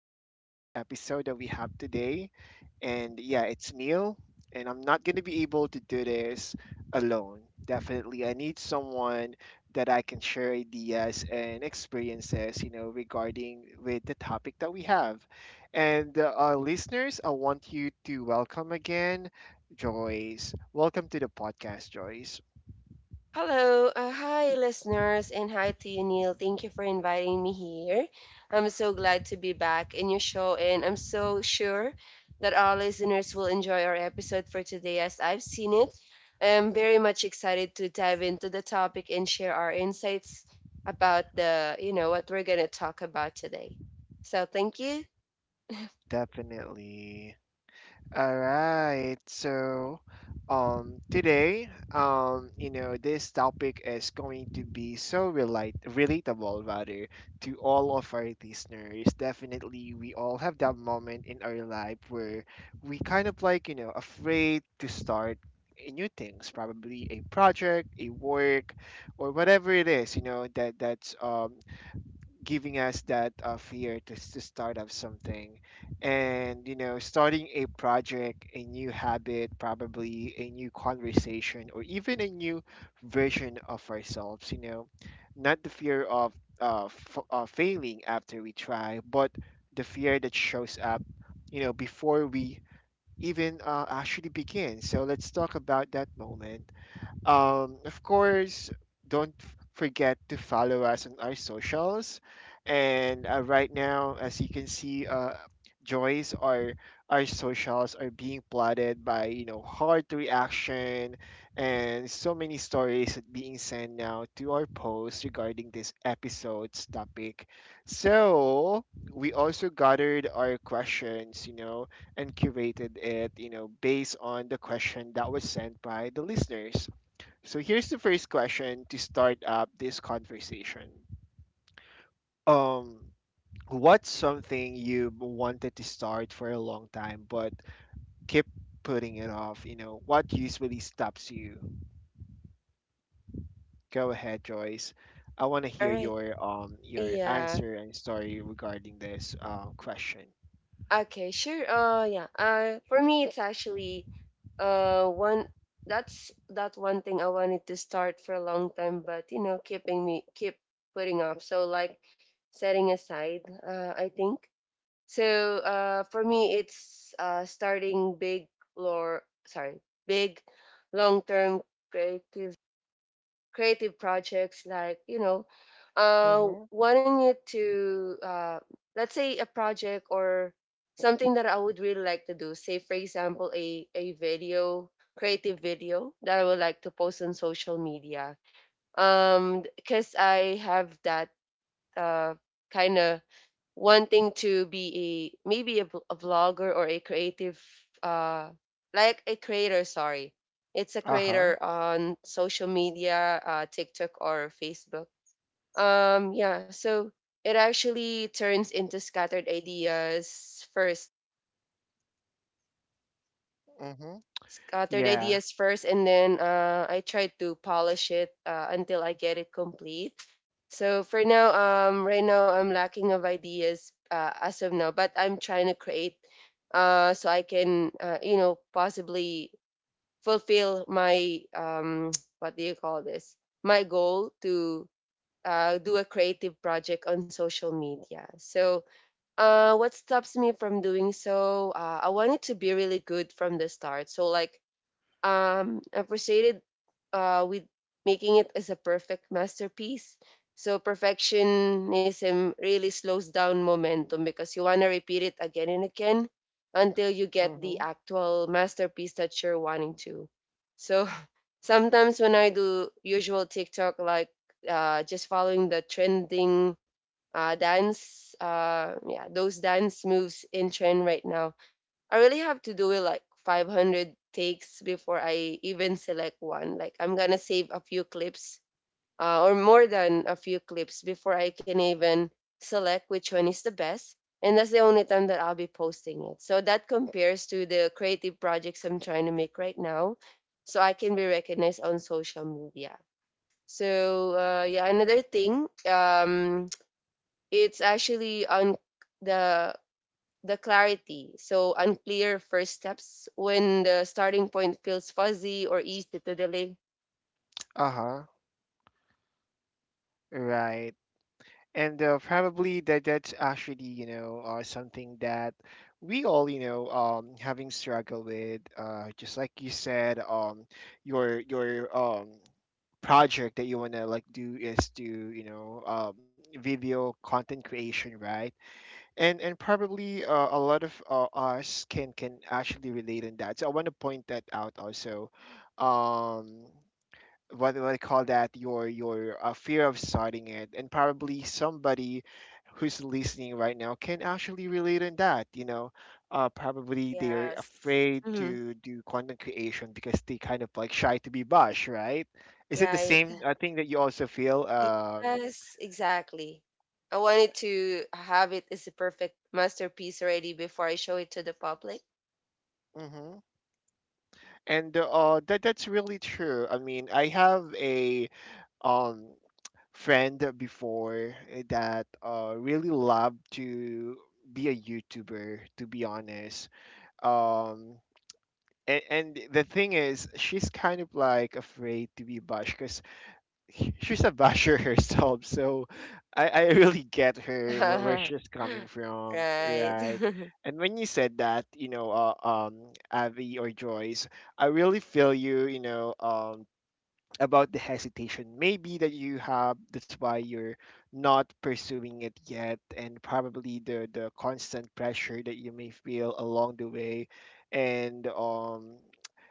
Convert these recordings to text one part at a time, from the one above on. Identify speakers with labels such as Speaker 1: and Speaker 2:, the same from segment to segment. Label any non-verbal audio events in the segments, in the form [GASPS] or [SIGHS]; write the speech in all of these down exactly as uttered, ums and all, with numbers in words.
Speaker 1: and uh, the episode that we have today. And, yeah, it's Neil, and I'm not going to be able to do this alone. Definitely, I need someone that I can share ideas and experiences, you know, regarding with the topic that we have. And uh, our listeners, I want you to welcome again Joyce. Welcome to the podcast, Joyce.
Speaker 2: Hello, uh, hi listeners, and hi to you, Neil. Thank you for inviting me here. I'm so glad to be back in your show, and I'm so sure that our listeners will enjoy our episode for today as I've seen it. I'm very much excited to dive into the topic and share our insights about the, you know, what we're gonna talk about today. So thank you.
Speaker 1: Definitely. All right. So, um, today, um, you know, this topic is going to be so relate relatable rather to all of our listeners. Definitely, we all have that moment in our life where we kind of like, you know, afraid to start a new things, probably a project, a work, or whatever it is, you know, that that's um giving us that uh, fear to, s- to start up something. And you know starting a project, a new habit, probably a new conversation, or even a new version of ourselves, you know not the fear of uh, f- uh, failing after we try, but the fear that shows up, you know before we even uh, actually begin. So let's talk about that moment. Um, of course, don't f- forget to follow us on our socials. And uh, right now, as you can see, uh, Joyce, our our socials are being plotted by, you know hard reaction and so many stories that being sent now to our posts regarding this episode's topic. So we also gathered our questions, you know, and curated it, you know, based on the question that was sent by the listeners. So here's the first question to start up this conversation. Um, what's something you wanted to start for a long time but keep putting it off? You know, what usually stops you? Go ahead, Joyce. I want to
Speaker 2: All
Speaker 1: hear
Speaker 2: right.
Speaker 1: your um your
Speaker 2: Yeah.
Speaker 1: answer and story regarding this uh, question.
Speaker 2: Okay, sure. Uh, yeah. Uh, for me, it's actually uh one that's that one thing I wanted to start for a long time, but you know, keeping me keep putting off. So like setting aside, uh, I think. So uh, for me, it's uh starting big or sorry, big long-term creative creative projects like you know uh
Speaker 1: Mm-hmm.
Speaker 2: wanting it to uh let's say a project or something that I would really like to do, say for example a a video, creative video that I would like to post on social media. Um because I have that, uh, kind of, wanting to be a, maybe a, v- a vlogger or a creative, uh like a creator, sorry, it's a
Speaker 1: Uh huh.
Speaker 2: creator on social media, uh TikTok or Facebook. Um yeah, so it actually turns into scattered ideas first,
Speaker 1: Mm-hmm.
Speaker 2: scattered
Speaker 1: Yeah.
Speaker 2: ideas first and then uh, I try to polish it uh, until I get it complete. So for now, um, right now I'm lacking of ideas uh, as of now, but I'm trying to create, uh, so I can, uh, you know, possibly fulfill my, um, [TSK] what do you call this? My goal to uh, do a creative project on social media. So uh, what stops me from doing so? Uh, I want it to be really good from the start. So like um I proceeded uh with making it as a perfect masterpiece. So perfectionism really slows down momentum because you want to repeat it again and again until you get the
Speaker 1: Mm-hmm.
Speaker 2: actual masterpiece that you're wanting to. So [LAUGHS] sometimes when I do usual TikTok, like uh just following the trending uh dance, uh yeah, those dance moves in trend right now, I really have to do it like five hundred takes before I even select one. Like I'm gonna save a few clips, uh, or more than a few clips before I can even select which one is the best. And that's the only time that I'll be posting it. So that compares to the creative projects I'm trying to make right now, so I can be recognized on social media. So uh, yeah, another thing, um, it's actually on the the clarity. So, unclear first steps when the starting point feels fuzzy or easy to delay.
Speaker 1: Uh huh. Right. And uh, probably that that's actually, you know uh, something that we all, you know um having struggle with, uh just like you said, um your your um project that you want to like do is to, you know um, video content creation, right? And and probably uh, a lot of uh, us can can actually relate in that. So I want to point that out also. Um what what I call that, your your uh, fear of starting it. And probably somebody who's listening right now can actually relate in that, you know uh, probably they're
Speaker 2: Yes.
Speaker 1: afraid
Speaker 2: Hmm.
Speaker 1: to do content creation because they kind of like shy to be bash, right? Is it the
Speaker 2: Right.
Speaker 1: same uh, thing that you also feel? Uh,
Speaker 2: Yes, exactly. I wanted to have it as a perfect masterpiece already before I show it to the public.
Speaker 1: mhm. And uh, that that's really true. I mean, I have a um friend before that uh, really loved to be a YouTuber, to be honest. Um, and, and the thing is, she's kind of like afraid to be bashed because [LAUGHS] she's a basher [LAUGHS] herself. So I, I really get her where, where she's
Speaker 2: [LAUGHS]
Speaker 1: coming from,
Speaker 2: Right.
Speaker 1: right?
Speaker 2: [LAUGHS]
Speaker 1: And when you said that, you know, uh, um, Avi or Joyce, I really feel you, you know, um, about the hesitation maybe that you have, that's why you're not pursuing it yet, and probably the the constant pressure that you may feel along the way, and um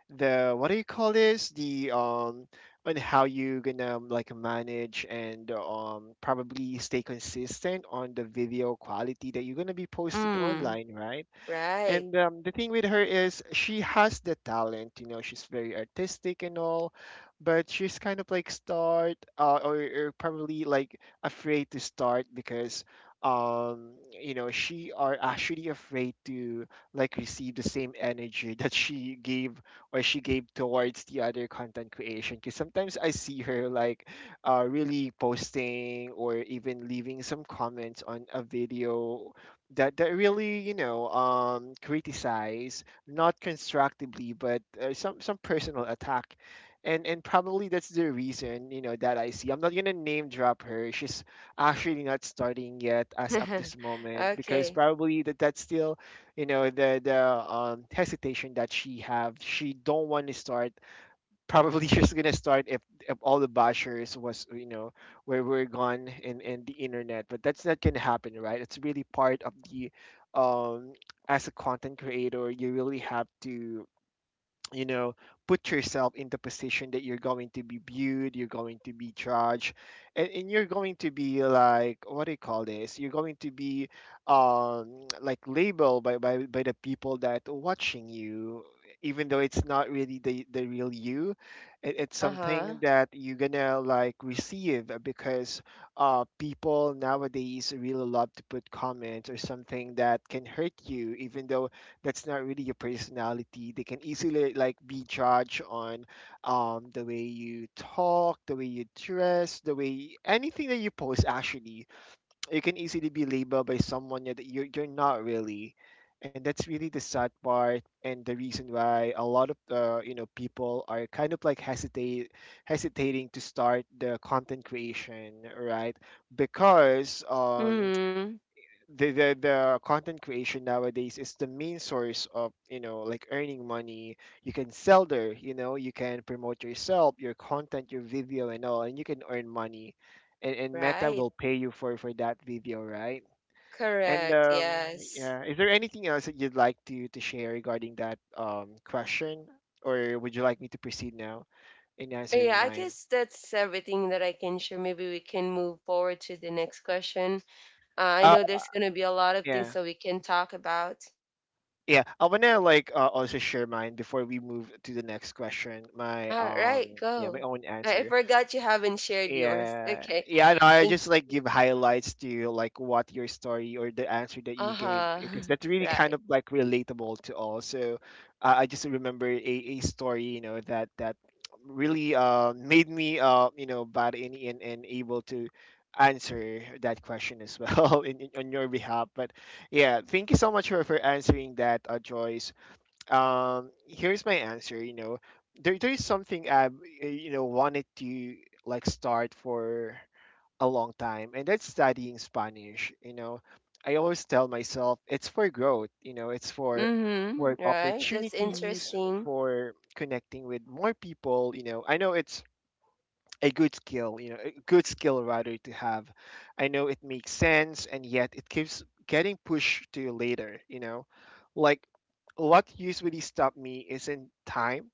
Speaker 1: the, what do you call this, the um on how you gonna, um, like manage, and um probably stay consistent on the video quality that you're gonna be posting
Speaker 2: Mm.
Speaker 1: online, right?
Speaker 2: Right.
Speaker 1: And um, the thing with her is, she has the talent, you know, she's very artistic and all, but she's kind of like start, uh, or, or probably like afraid to start because, um you know she are actually afraid to like receive the same energy [LAUGHS] that she gave, or she gave towards the other content creation. Because sometimes I see her like uh really posting or even leaving some comments on a video that that really, you know um criticize, not constructively, but uh, some some personal attack. and and probably that's the reason, you know that I see, I'm not gonna name drop her. She's actually not starting yet as of
Speaker 2: [LAUGHS]
Speaker 1: this moment because
Speaker 2: Okay.
Speaker 1: probably that that's still, you know the the um hesitation that she have, she don't want to start, probably [LAUGHS] just gonna start if, if all the bashers was, you know where we're gone and and the internet, but that's not gonna happen, right? It's really part of, the um as a content creator, you really have to, you know put yourself in the position that you're going to be viewed, you're going to be judged, and, and you're going to be, like, what do you call this, you're going to be um like labeled by, by by the people that are watching you, even though it's not really the the real you. It, it's something
Speaker 2: Uh-huh.
Speaker 1: that you're gonna like receive, uh, because uh people nowadays really love to put comments or something that can hurt you, even though that's not really your personality. They can easily like be judged on, um, the way you talk, the way you dress, the way, anything that you post actually, you can easily be labeled by someone that you're, you're not really. And that's really the sad part and the reason why a lot of, uh, you know people are kind of like hesitate hesitating to start the content creation, right? Because, um,
Speaker 2: Mm-hmm.
Speaker 1: the, the the content creation nowadays is the main source of, you know like earning money. You can sell there, you know you can promote yourself, your content, your video and all, and you can earn money, and, and Meta
Speaker 2: Right.
Speaker 1: will pay you for for that video, right? and
Speaker 2: Correct.
Speaker 1: um
Speaker 2: Yes.
Speaker 1: yeah is there anything else that you'd like to to share regarding that um question, or would you like me to proceed now in
Speaker 2: Yeah,
Speaker 1: answering
Speaker 2: I
Speaker 1: mine?
Speaker 2: guess that's everything that I can share. Maybe we can move forward to the next question. Uh, I know
Speaker 1: uh
Speaker 2: there's going to be a lot of things
Speaker 1: yeah.
Speaker 2: that we can talk about.
Speaker 1: Yeah, I wanna like uh, also share mine before we move to the next question. My
Speaker 2: All right,
Speaker 1: um yeah,
Speaker 2: go.
Speaker 1: my own
Speaker 2: I I
Speaker 1: answer.
Speaker 2: forgot you haven't shared yours. [LAUGHS]
Speaker 1: Yeah,
Speaker 2: Okay.
Speaker 1: yeah. No, I
Speaker 2: Thank—
Speaker 1: just like give highlights to like what your story or the answer that you gave because
Speaker 2: Uh-huh.
Speaker 1: that's
Speaker 2: [LAUGHS]
Speaker 1: really
Speaker 2: Right.
Speaker 1: kind of like relatable to all. So uh, I just remember a, a story, you know that that really, uh made me, uh you know bad, and and, and able to answer that question as well [LAUGHS] in, in, on your behalf. But yeah, thank you so much for, for answering that, uh, Joyce. Um here's my answer. you know there there is something I, you know wanted to like start for a long time, and that's studying Spanish. you know I always tell myself it's for growth, you know it's for
Speaker 2: Mm-hmm.
Speaker 1: work
Speaker 2: Right. That's
Speaker 1: opportunities,
Speaker 2: interesting.
Speaker 1: for connecting with more people. you know I know it's a good skill, you know, a good skill rather to have. I know it makes sense, and yet it keeps getting pushed to later, you know. Like, what usually stopped me isn't time,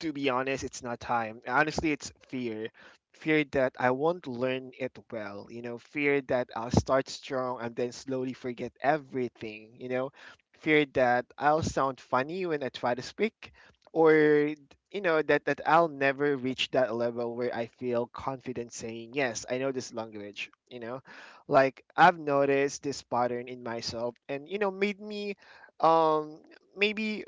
Speaker 1: to be honest. It's not time. Honestly, it's fear. Fear that I won't learn it well. You know, fear that I'll start strong and then slowly forget everything. You know, fear that I'll sound funny when I try to speak, or, you know that that I'll never reach that level where I feel confident saying, yes, I know this language. You know, like I've noticed this pattern in myself, and, you know, made me, um maybe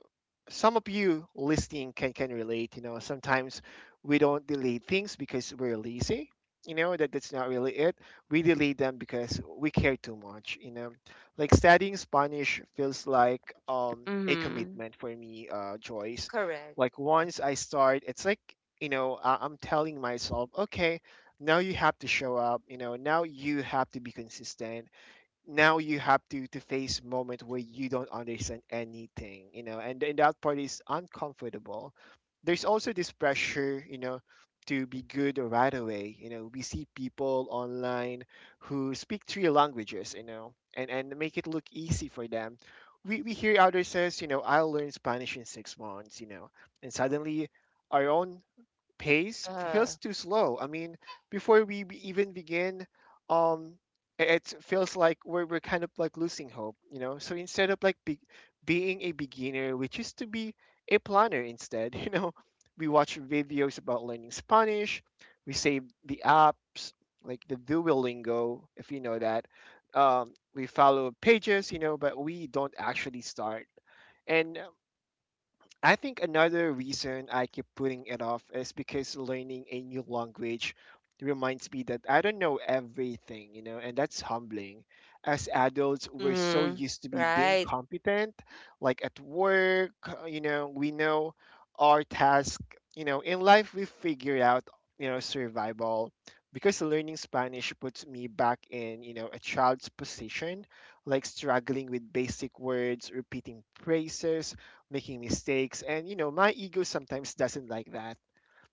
Speaker 1: some of you listening can can relate. You know sometimes we don't delete things because we're lazy. you know that that's not really it. We delete them because we care too much. You know like, studying Spanish feels like um a
Speaker 2: Mm-hmm.
Speaker 1: commitment for me, uh Joyce. Like,
Speaker 2: Correct.
Speaker 1: once I start, it's like, you know I- i'm telling myself, okay, now you have to show up. You know now you have to be consistent. Now you have to to face moment where you don't understand anything. you know and, and that part is uncomfortable. There's also this pressure, you know to be good right away. You know we see people online who speak three languages, you know and and make it look easy for them. We, we hear others says, you know I'll learn Spanish in six months. You know and suddenly our own pace feels
Speaker 2: Uh.
Speaker 1: too slow. I mean, before we be- even begin, um, it feels like we're, we're kind of like losing hope, you know. So instead of like be, being a beginner, we choose to be a planner instead. [LAUGHS] You know, we watch videos about learning Spanish. We save the apps like the Duolingo, if you know that. Um, we follow pages, you know, but we don't actually start. And I think another reason I keep putting it off is because learning a new language reminds me that I don't know everything, you know, and that's humbling. As adults, we're so
Speaker 2: Mm-hmm.
Speaker 1: used to be being
Speaker 2: Right.
Speaker 1: competent, like at work, uh, you know, we know our task, you know, in life we figure out, you know, survival. Because learning Spanish puts me back in, you know, a child's position, like struggling with basic words, repeating phrases, making mistakes, and you know my ego sometimes doesn't like that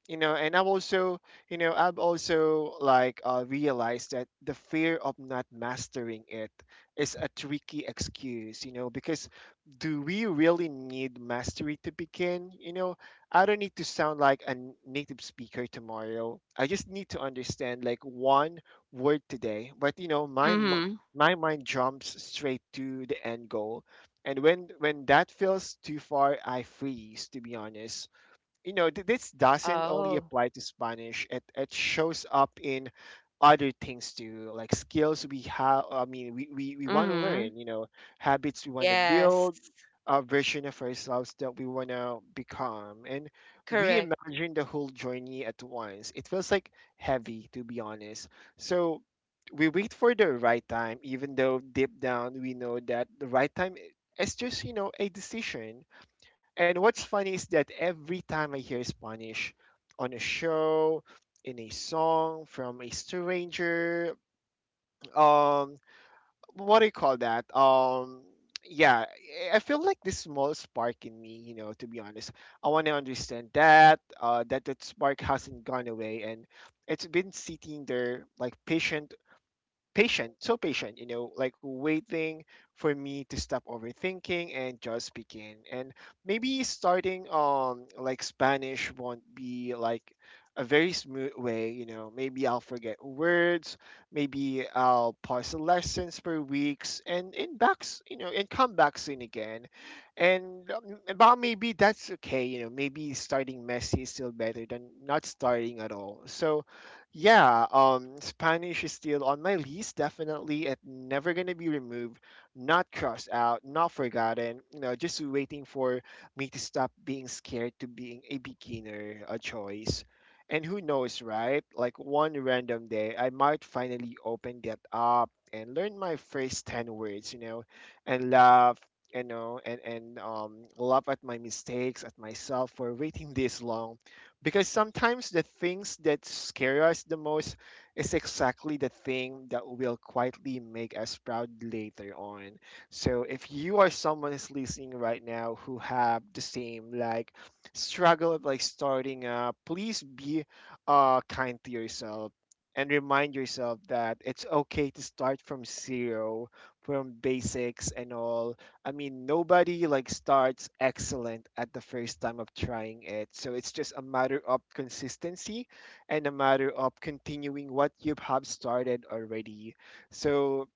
Speaker 1: you know And i've also you know i've also like uh, realized that the fear of not mastering it is a tricky excuse you know because do we really need mastery to begin you know I don't need to sound like a native speaker tomorrow. I just need to understand like one word today. But you know my m-
Speaker 2: Mm-hmm.
Speaker 1: my mind jumps straight to the end goal, and when when that feels too far, I freeze, to be honest you know, th- This doesn't only
Speaker 2: Oh.
Speaker 1: apply to Spanish. It it shows up in other things too, like skills we have. I mean, we we, we want to
Speaker 2: Mm-hmm.
Speaker 1: learn. You know, habits we want to
Speaker 2: Yes.
Speaker 1: build, a version of ourselves that we want to become, and we
Speaker 2: Correct.
Speaker 1: imagine the whole journey at once. It feels like heavy, to be honest. So we wait for the right time, even though deep down we know that the right time i- is just you know a decision. And what's funny is that every time I hear Spanish on a show, in a song from a stranger, um, what do you call that? Um, yeah, I I feel like this small spark in me, you know, to be honest. I want to understand that, uh, that that spark hasn't gone away, and it's been sitting there like patient, patient, so patient, you know, like waiting for me to stop overthinking and just begin. And maybe starting on like Spanish won't be like a very smooth way, you know. Maybe I'll forget words. Maybe I'll pause the lessons for weeks and in backs, you know, and come back soon again. And um, about maybe that's okay, you know, maybe starting messy is still better than not starting at all. So yeah, um, Spanish is still on my list, definitely. It's never gonna be removed, not crossed out, not forgotten. You know, just waiting for me to stop being scared to being a beginner, a choice. And who knows, right? Like one random day, I might finally open that up and learn my first ten words, you know, and laugh, you know, and and um, laugh at my mistakes, at myself for waiting this long, because sometimes the things that scare us the most is exactly the thing that will quietly make us proud later on. So if you are someone who's listening right now, who have the same like struggle of like starting up, please be uh kind to yourself, and remind yourself that it's okay to start from zero, from basics and all. I mean, nobody like starts excellent at the first time of trying it. So it's just a matter of consistency and a matter of continuing what you have started already. So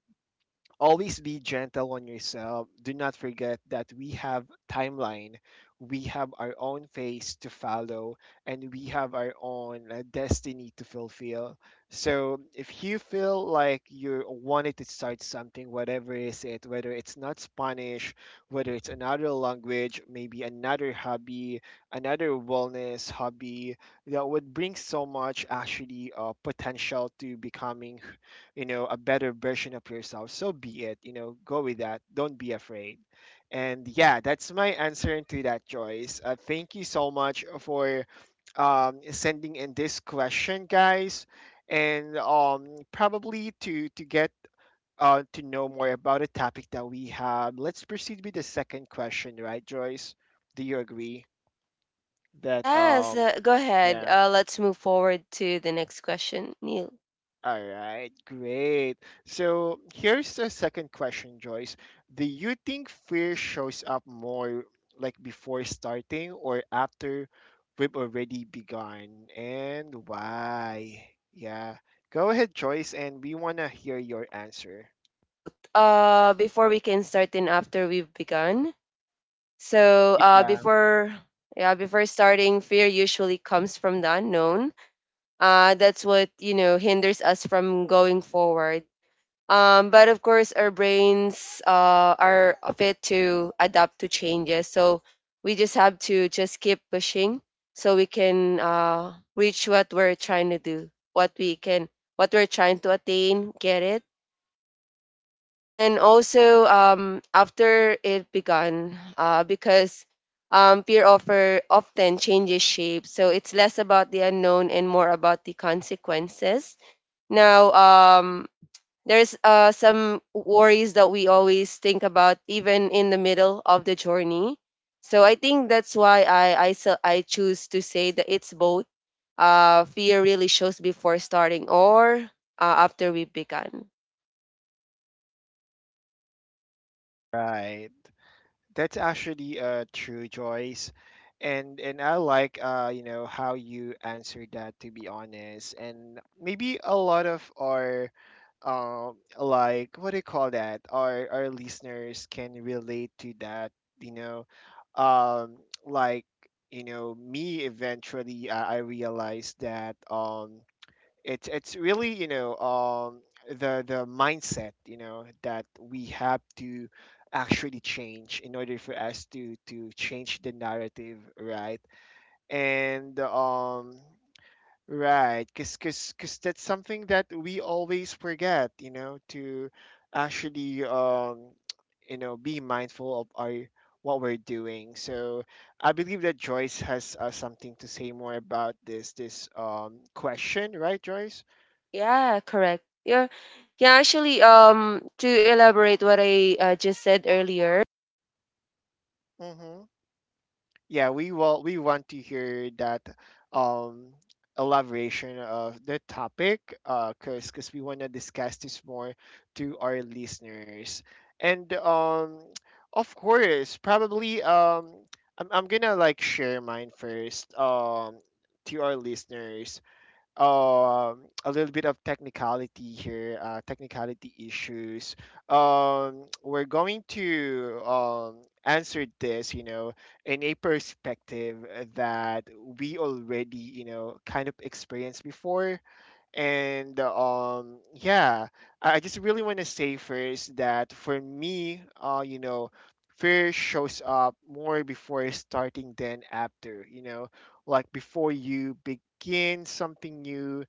Speaker 1: always be gentle on yourself. Do not forget that we have timeline, we have our own face to follow, and we have our own uh, destiny to fulfill. So if you feel like you wanted to start something, whatever is it, whether it's not Spanish, whether it's another language, maybe another hobby, another wellness hobby, that would bring so much actually uh, potential to becoming you know a better version of yourself. So be it, you know go with that. Don't be afraid. And yeah, that's my answer to that, Joyce. Uh, thank you so much for um, sending in this question, guys. And um, probably to to get uh, to know more about a topic that we have. Let's proceed with the second question, right, Joyce? Do you agree that,
Speaker 2: Yes,
Speaker 1: um,
Speaker 2: uh, go ahead.
Speaker 1: yeah.
Speaker 2: Uh, let's move forward to the next question, Neil.
Speaker 1: All right, great. So here's the second question, Joyce. Do you think fear shows up more like before starting or after we've already begun? And why? Yeah. Go ahead, Joyce, and we want to hear your
Speaker 2: Okay,
Speaker 1: answer.
Speaker 2: I think both. Uh, before we can start and after we've begun. So, uh,
Speaker 1: Yeah,
Speaker 2: before yeah, before starting, fear usually comes from the unknown. Uh, that's what you know hinders us from going forward. Um, but of course, our brains uh, are fit to adapt to changes. So we just have to just keep pushing so we can uh, reach what we're trying to do, what we can, what we're trying to attain, get it. And also, um, after it begun, uh, because um, peer offer often changes shape. So it's less about the unknown and more about the consequences. Now, um, there's uh, some worries that we always think about even in the middle of the journey, so I think that's why i i, so I choose to say that it's both. Uh, fear really shows before starting or uh, after we began.
Speaker 1: right. That's actually uh true, Joyce. And and I like uh you know how you answered that, to be honest. And maybe a lot of our um like what do you call that? Our our listeners can relate to that, you know. Um like you know me, eventually I, I realized that um it's it's really you know um, the the mindset you know that we have to actually change in order for us to to change the narrative, right, and um right, because because because that's something that we always forget, you know to actually um [TSK] you know be mindful of our what we're doing. So I believe that Joyce has uh, something to say more about this this um question, right, Joyce?
Speaker 2: Yeah, correct. Yeah. Yeah, actually, um to elaborate what i uh, just said earlier.
Speaker 1: Mm-hmm. Yeah, we will. We want to hear that um, elaboration of the topic, uh, cause we want to discuss this more to our listeners. And um, [TSK] of course, probably um, I'm I'm gonna like share mine first, um to our listeners, um a little bit of technicality here, uh, technicality issues. Um, [TSK] we're going to um, answer this, you know, in a perspective that we already, you know, kind of experienced before. And um, yeah, I I just really want to say first that for me, uh, you know, fear shows up more before starting than after. You know, like before you begin something new,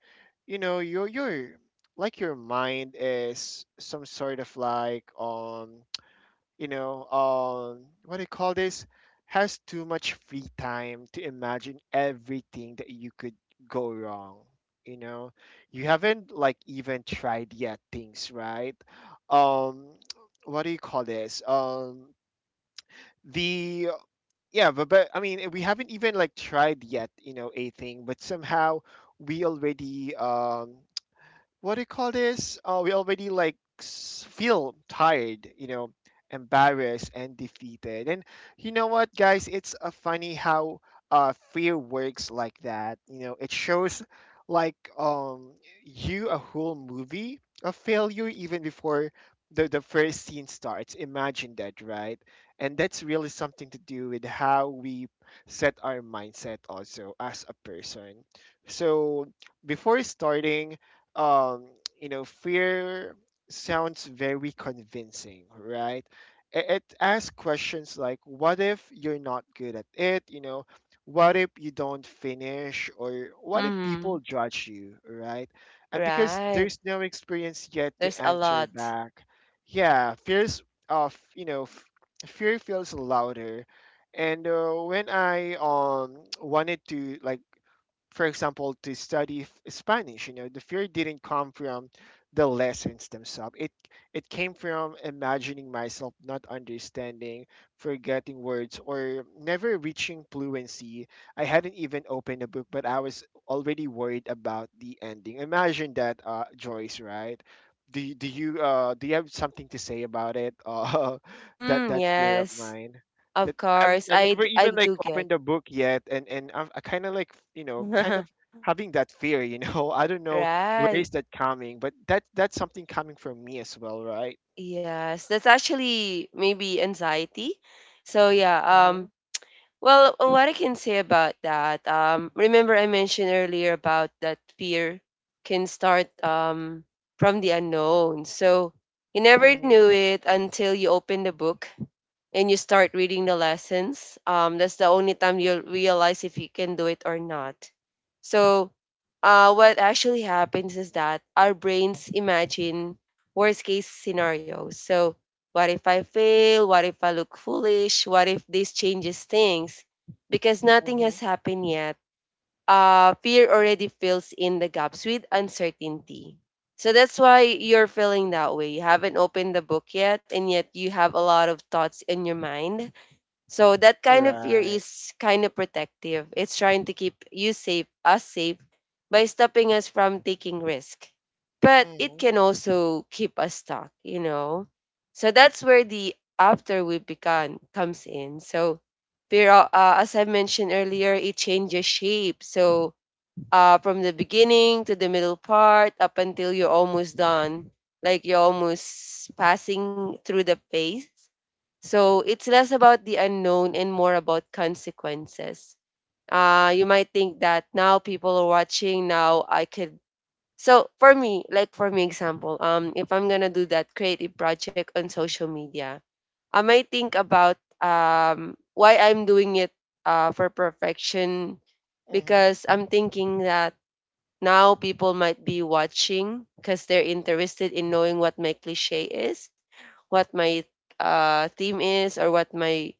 Speaker 1: you know, your your like your mind is some sort of like um you know, um, what do you call this? Has too much free time to imagine everything that you could go wrong. You know, you haven't like even tried yet things, right? Um, [TSK] what do you call this? Um, the Yeah, but, but I mean, we haven't even like tried yet, you know, a thing, but somehow we already um what do you call this? Uh, we already like s- feel tired, you know, embarrassed, and defeated. And you know what, guys? It's uh, funny how uh, fear works like that. You know, it shows like um you a whole movie of failure even before the the first scene starts. Imagine that, right? And that's really something to do with how we set our mindset also as a person. So before starting, um, you know, fear sounds very convincing, right? It, it asks questions like, what if you're not good at it? You know, what if you don't finish? Or what if
Speaker 2: Mm-hmm.
Speaker 1: people judge you, right? And because
Speaker 2: Right.
Speaker 1: there's no experience yet
Speaker 2: There's
Speaker 1: to
Speaker 2: a
Speaker 1: answer
Speaker 2: lot.
Speaker 1: back, yeah, fears of, you know, f- fear feels louder. And uh, when I um wanted to like, for example, to study f- Spanish, you know, the fear didn't come from the lessons themselves. It it came from imagining myself not understanding, forgetting words, or never reaching fluency. I hadn't even opened a book, but I was already worried about the ending. Imagine that, uh, Joyce, right? Do, you- do you uh do you have something to say about it? Uh, [LAUGHS] that
Speaker 2: Hmm,
Speaker 1: that fear of
Speaker 2: yes,
Speaker 1: mine,
Speaker 2: of
Speaker 1: that I'm,
Speaker 2: course
Speaker 1: I
Speaker 2: i
Speaker 1: never
Speaker 2: d- I
Speaker 1: even like
Speaker 2: do get
Speaker 1: opened a book yet, and and I've, I kind of like you know kind of having that fear you know [LAUGHS] I don't know where
Speaker 2: [LAUGHS] right.
Speaker 1: is that coming, but that that's something coming from me as well, right?
Speaker 2: Yes, that's actually maybe anxiety. So yeah,
Speaker 1: Mm-hmm,
Speaker 2: um well, uh, what I can say about that, um remember I mentioned earlier about that fear can start um from the unknown. So you never
Speaker 1: mm-hmm,
Speaker 2: knew it until you open the book and you start reading the lessons, um, that's the only time you'll realize if you can do it or not. So, uh, what actually happens is that our brains imagine worst case scenarios. So, what if I fail? What if I look foolish? What if this changes things? Because nothing
Speaker 1: mm-hmm.
Speaker 2: has happened yet, uh, fear already fills in the gaps with uncertainty. So that's why you're feeling that way. You haven't opened the book yet, and yet you have a lot of thoughts in your mind, so that kind of fear
Speaker 1: Right.
Speaker 2: is kind of protective. It's trying to keep you safe, us safe, by stopping us from taking risk. But it
Speaker 1: Mm-hmm,
Speaker 2: can also keep us stuck, you know. So that's where the after we began comes in. So fear, uh, as I mentioned earlier, it changes shape. So uh, from the beginning to the middle part up until you're almost done, like you're almost passing through the phase. So it's less about the unknown and more about consequences. Uh, you might think that now people are watching, now I could. So for me, like for me example, um, if I'm gonna do that creative project on social media, I might think about um why I'm doing it, uh for perfection,
Speaker 1: mm-hmm.
Speaker 2: because I'm thinking that now people might be watching because they're interested in knowing what my cliche is, what my uh, theme is, or what my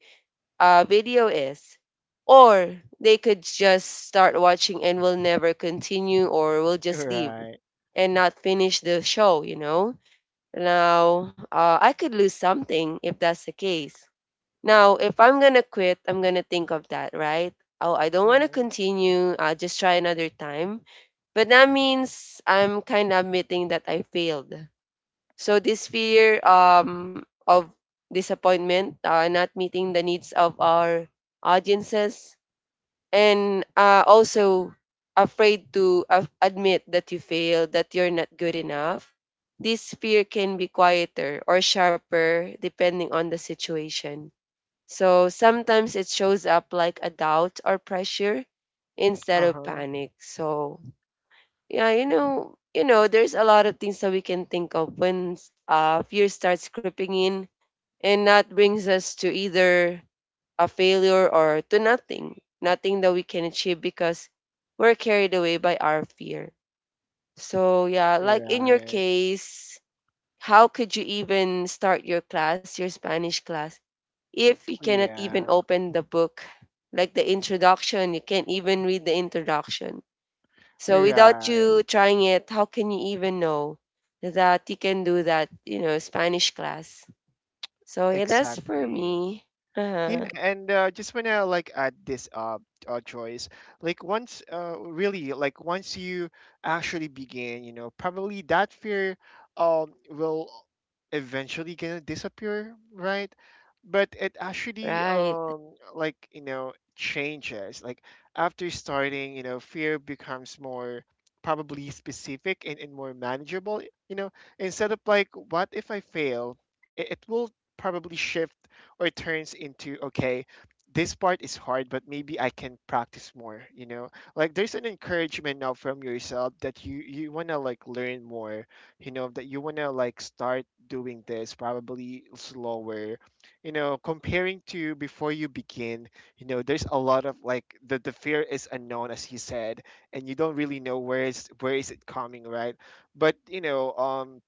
Speaker 2: uh, video is. Or they could just start watching and will never continue or will just leave
Speaker 1: Right.
Speaker 2: and not finish the show, you know? Now, uh, I could lose something if that's the case. Now, if I'm gonna quit, I'm gonna think of that, right? Oh, I don't want to
Speaker 1: Mm-hmm.
Speaker 2: continue. I'll just try another time. But that means I'm kind of admitting that I failed. So this fear um of disappointment, uh, not meeting the needs of our audiences, and uh, also afraid to af- admit that you failed, that you're not good enough. This fear can be quieter or sharper depending on the situation, so sometimes it shows up like a doubt or pressure instead of
Speaker 1: Uh-huh.
Speaker 2: panic. So yeah, you know, you know, there's a lot of things that we can think of when uh, fear starts creeping in, and that brings us to either a failure or to nothing, nothing that we can achieve because we're carried away by our fear. So yeah, like in your
Speaker 1: Right.
Speaker 2: case, how could you even start your class, your Spanish class, if you cannot even
Speaker 1: Yeah.
Speaker 2: open the book, like the introduction, you can't even read the introduction. So without
Speaker 1: Right.
Speaker 2: you trying it, how can you even know that you can do that, you know, Spanish class? So yeah, that's for
Speaker 1: Exactly.
Speaker 2: me. Uh-huh.
Speaker 1: Yeah, and uh, just wanna like add this uh, uh choice. Like once, uh, really, like once you actually begin, you know, probably that fear um will eventually gonna disappear, right? But it actually
Speaker 2: Right.
Speaker 1: um like you know changes. Like after starting, you know, fear becomes more probably specific, and, and more manageable. You know, Instead of like, what if I fail? It, it will probably shift, or it turns into, okay, this part is hard but maybe I can practice more you know like there's an encouragement now from yourself that you you want to like learn more you know that you want to like start doing this probably slower you know comparing to before you begin you know There's a lot of like the the fear is unknown, as you said, and you don't really know where is where is it coming, right? But you know um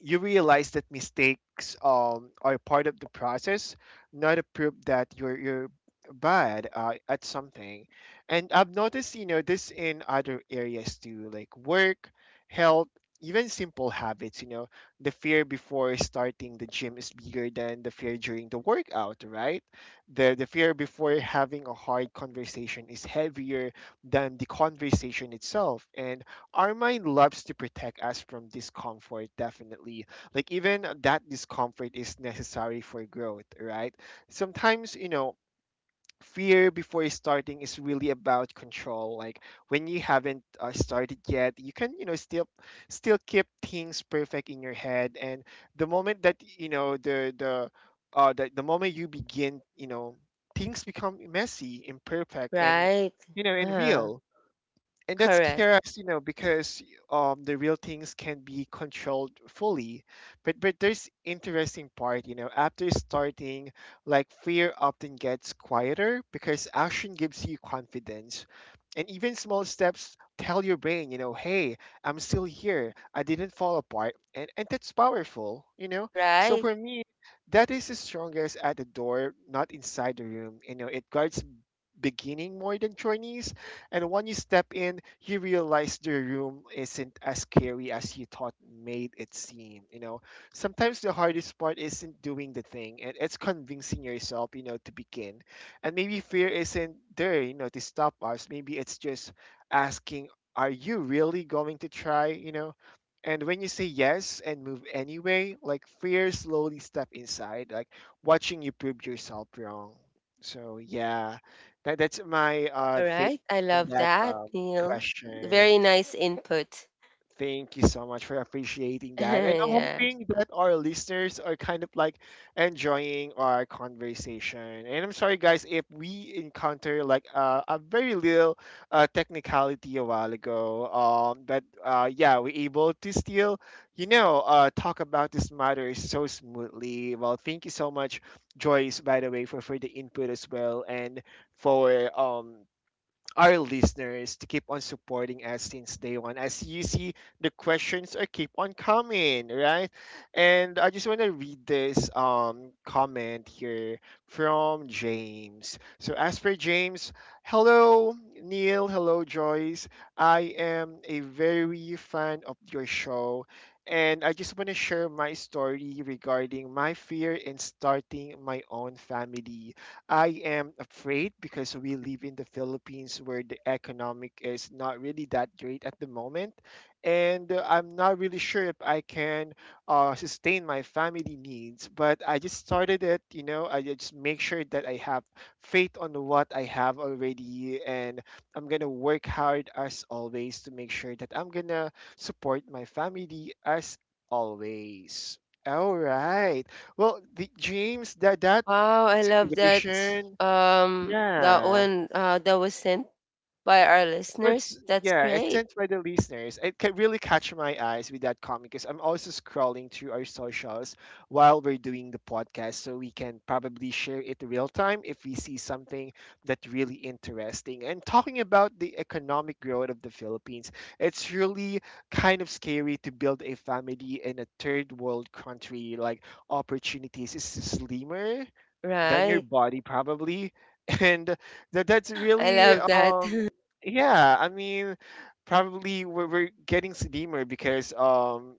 Speaker 1: you realize that mistakes um, are part of the process, not a proof that you're you're bad uh, at something. And I've noticed, you know, this in other areas too, like work, health, even simple habits. You know, the fear before starting the gym is bigger than the fear during the workout, right? The the fear before having a hard conversation is heavier than the conversation itself, and our mind loves to protect us from discomfort definitely, like even that discomfort is necessary for growth, right? Sometimes, you know, fear before starting is really about control, like when you haven't uh, started yet, you can, you know, still still keep things perfect in your head, and the moment that, you know, the the uh the, the moment you begin, you know, things become messy, imperfect, and,
Speaker 2: Right.
Speaker 1: you know, and
Speaker 2: Uh-huh.
Speaker 1: real. And that's
Speaker 2: Correct.
Speaker 1: curious, you know, because um the real things can be controlled fully, but but there's interesting part, you know, after starting, like fear often gets quieter because action gives you confidence, and even small steps tell your brain, you know, hey, I'm still here, I didn't fall apart, and and that's powerful, you know. So
Speaker 2: Right.
Speaker 1: for me, that is the strongest at the door, not inside the room. You know, it guards beginning more than Chinese. And when you step in, you realize the room isn't as scary as you thought made it seem. You know, sometimes the hardest part isn't doing the thing, and it's convincing yourself, you know, to begin. And maybe fear isn't there, you know, to stop us. Maybe it's just asking, are you really going to try, you know? And when you say yes and move anyway, like fear slowly step inside, like watching you prove yourself wrong. So yeah. That that's my
Speaker 2: All
Speaker 1: uh thing
Speaker 2: right. I
Speaker 1: on
Speaker 2: love
Speaker 1: that
Speaker 2: that,
Speaker 1: um
Speaker 2: Neil.
Speaker 1: question.
Speaker 2: Very nice input.
Speaker 1: Thank you so much for appreciating
Speaker 2: [LAUGHS]
Speaker 1: that, and I'm
Speaker 2: Yeah.
Speaker 1: hoping that our listeners are kind of like enjoying our conversation. And I'm sorry, guys, if we encounter like uh, a very little uh, technicality a while ago. Um, but uh, Yeah, we're able to still, you know, uh, talk about this matter so smoothly. Well, thank you so much, Joyce, by the way, for for the input as well, and for um our listeners to keep on supporting us since day one. As you see, the questions are keep on coming, right? And I just want to read this um comment here from James. So as for James, hello Neil, hello Joyce. I am a very fan of your show. And I just want to share my story regarding my fear in starting my own family. I am afraid because we live in the Philippines where the economic is not really that great at the moment, and uh, I'm not really sure if I can uh, sustain my family needs. But I just started it, you know. I just make sure that I have faith on what I have already, and I'm gonna work hard as always to make sure that I'm gonna support my family as always. All right. Well, the, James, that that
Speaker 2: Wow, I love that.
Speaker 1: situation.
Speaker 2: Um, that
Speaker 1: Yeah, it
Speaker 2: one uh, that was sent by our
Speaker 1: was
Speaker 2: listeners. That's
Speaker 1: yeah. It's
Speaker 2: great,
Speaker 1: sent by the listeners. It can really catch my eyes with that comment because I'm also scrolling through our socials while we're doing the podcast, so we can probably share it real time if we see something that really interesting. And talking about the economic growth of the Philippines, it's really kind of scary to build a family in a third world country. Like opportunities is slimmer than your
Speaker 2: right?
Speaker 1: body probably [LAUGHS] and that
Speaker 2: [GASPS]
Speaker 1: that's
Speaker 2: [LAUGHS] I
Speaker 1: really
Speaker 2: love that.
Speaker 1: um
Speaker 2: [LAUGHS]
Speaker 1: yeah, I mean, probably we're, we're getting slimmer because um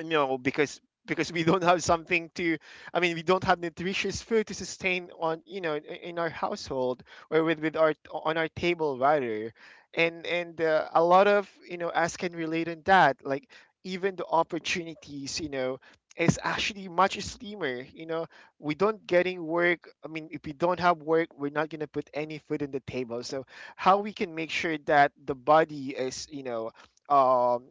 Speaker 1: no, because because we don't have something to, I mean, we don't have nutritious food to sustain on, you know, in in our household, or with with our, on our table rather. And and uh, a lot of, you know, us can relate on that, like even the opportunities, you know, is actually much slimmer, you know. We don't getting work, I mean, if we don't have work, we're not going to put any food on the table. So how we can make sure that the body is, you know, um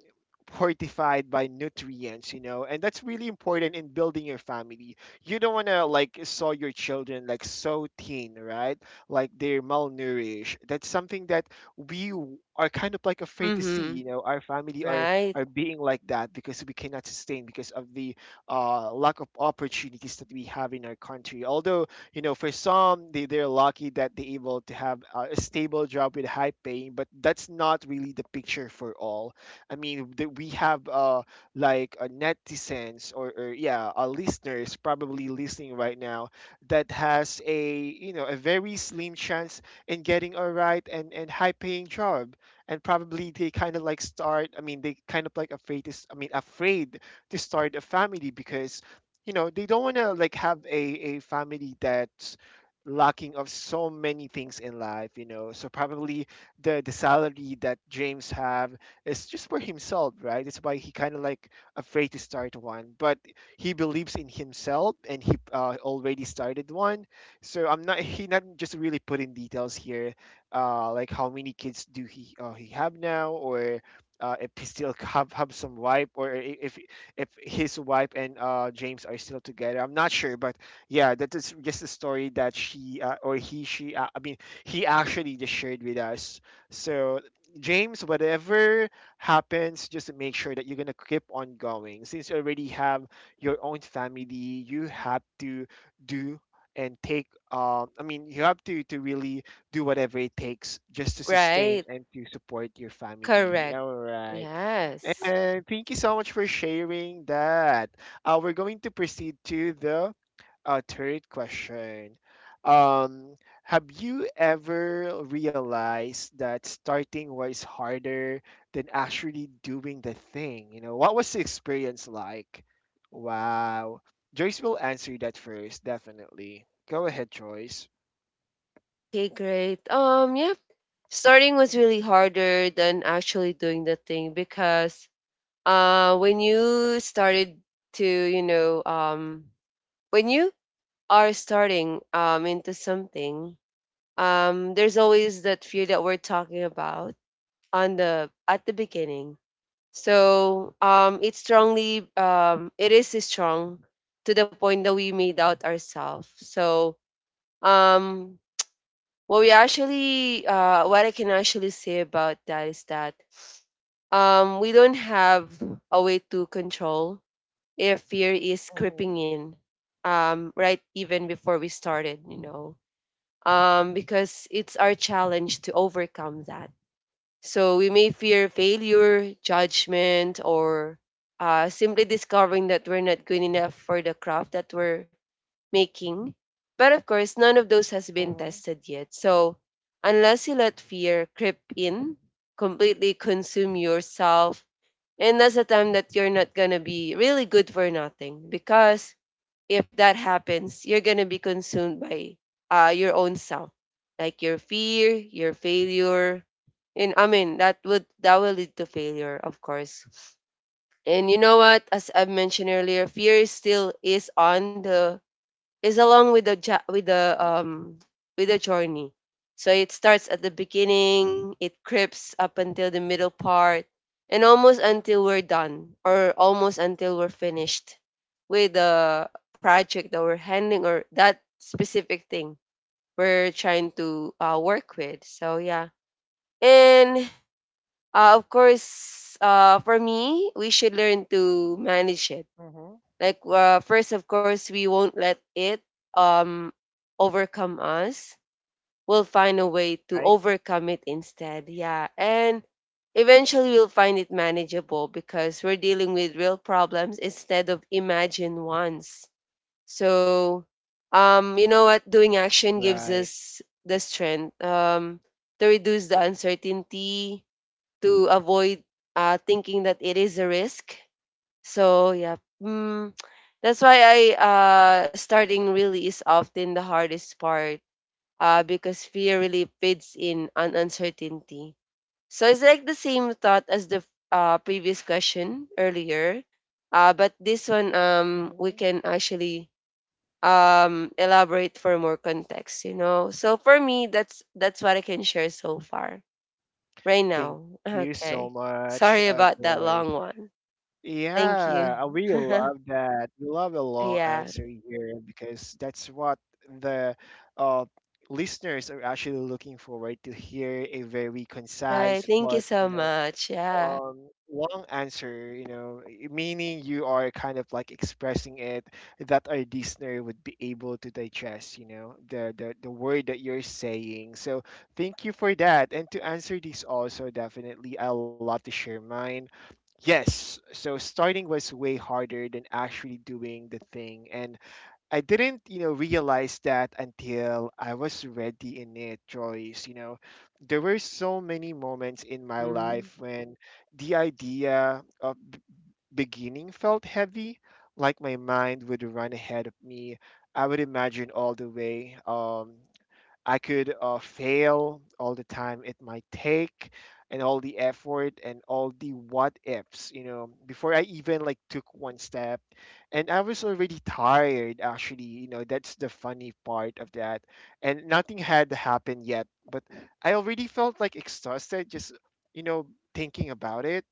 Speaker 1: fortified by nutrients, you know, and that's really important in building your family. You don't want to like saw your children like so thin, right? Like they're malnourished. That's something that we w- are kind of like afraid to see,
Speaker 2: Mm-hmm.
Speaker 1: you know, our family are
Speaker 2: Right,
Speaker 1: are being like that because we cannot sustain because of the uh, lack of opportunities that we have in our country. Although, you know, for some, they, they're lucky that they're able to have uh, a stable job with high paying, but that's not really the picture for all. I mean, that we have uh like uh, netizens or, or yeah, our listeners probably listening right now that has, a you know, a very slim chance in getting a right and and high paying job, and probably they kind of like start. I mean, they kind of like afraid to. s- I mean, afraid to start a family because, you know, they don't want to like have a a family that's lacking of so many things in life, you know. So probably the the salary that James have, it's just for himself, right? It's why he kind of like afraid to start one, but he believes in himself and he uh, already started one. So I'm not [LAUGHS] he not just really put in details here, uh, like how many kids do he uh, he have now or. Uh, if he still [LAUGHS] have, have some wife or i- if if his wife and uh, James are still together, I'm not sure. But yeah, that is just a story that she uh, or he she uh, I mean he actually just shared with us. So James, whatever happens, just to make sure that you're going to keep on going. Since you already have your own family, you have to do and take um, I mean, you have to to really do whatever it takes just to sustain
Speaker 2: right,
Speaker 1: and to support your family,
Speaker 2: correct.
Speaker 1: all right.
Speaker 2: Yes.
Speaker 1: And thank you so much for sharing that. Uh, we're going to proceed to the uh, third question. Um, have you ever realized that starting was harder than actually doing the thing? You know, what was the experience like? Wow. Joyce will answer that first, definitely. Go ahead, Joyce.
Speaker 2: Okay, great. Um, yeah. Starting was really harder than actually doing the thing because uh when you started to, you know, um when you are starting um into something, um, there's always that fear that we're talking about on the at the beginning. So um, it's strongly, um, it is strong to the point that we made out ourselves. So um, what we actually uh, what I can actually say about that is that, um, we don't have a way to control if fear is creeping
Speaker 1: Mhm.
Speaker 2: in, um, right even before we started. You know, um, because it's our challenge to overcome that. So we may fear failure, judgment, or uh, simply discovering that we're not good enough for the craft that we're making. But of course, none of those has been
Speaker 1: Mhm.
Speaker 2: tested yet. So unless you let fear creep in, completely consume yourself, and that's the time that you're not gonna be really good for nothing because if that happens, you're going to be consumed by uh, your own self, like your fear, your failure. And I mean, that would that will lead to failure, of course. And you know what? As I mentioned earlier, fear is still is on the, is along with the jo- with the um with the journey. So it starts at the beginning, it creeps up until the middle part, and almost until we're done, or almost until we're finished with the project that we're handling or that specific thing we're trying to uh, work with. So yeah, and uh, of course, uh, for me, we should learn to manage it
Speaker 1: Mhm.
Speaker 2: like uh, first, of course, we won't let it um overcome us. We'll find a way to
Speaker 1: Right,
Speaker 2: overcome it instead. Yeah, and eventually we'll find it manageable because we're dealing with real problems instead of imagined ones. So, um, you know what? Doing action gives
Speaker 1: right.
Speaker 2: us the strength um to reduce the uncertainty, to avoid uh, thinking that it is a risk, so yeah, mm, [TSK] that's why I uh starting really is often the hardest part uh because fear really feeds in on uncertainty. So it's like the same thought as the uh, previous question earlier, uh, but this one um we
Speaker 1: Mhm.
Speaker 2: can actually um elaborate for more context, you know. So for me, that's that's what I can share so far right
Speaker 1: Thank
Speaker 2: now. [LAUGHS]
Speaker 1: you so
Speaker 2: Okay,
Speaker 1: much,
Speaker 2: sorry
Speaker 1: uh,
Speaker 2: about that
Speaker 1: Joyce.
Speaker 2: long one. Thank you.
Speaker 1: Yeah, uh, we love that. We love a
Speaker 2: [LAUGHS]
Speaker 1: long
Speaker 2: Yeah.
Speaker 1: answer here because that's what the uh, listeners are actually looking forward to hear a very
Speaker 2: Right.
Speaker 1: concise
Speaker 2: Thank you
Speaker 1: but,
Speaker 2: so
Speaker 1: you know,
Speaker 2: much. Yeah.
Speaker 1: um, long answer, you know, i- meaning you are kind of like expressing it that our listener would be able to digest, you know, the the, the word that you're saying. So thank you for that. And to answer this also, definitely, I love to share mine. Yes, so starting was way harder than actually doing the thing. And I didn't, you know, realize that until I was ready in it, Joyce. You know, there were so many moments in my
Speaker 2: Mm.
Speaker 1: life when the idea of b- beginning felt heavy, like my mind would run ahead of me. I would imagine all the way. Um, I could uh, fail all the time it might take and all the effort and all the what ifs, you know, before I even like took one step. And I was already tired actually, you know, that's the funny part of that. And nothing had happened yet, but I already felt like exhausted just, you know, thinking about it.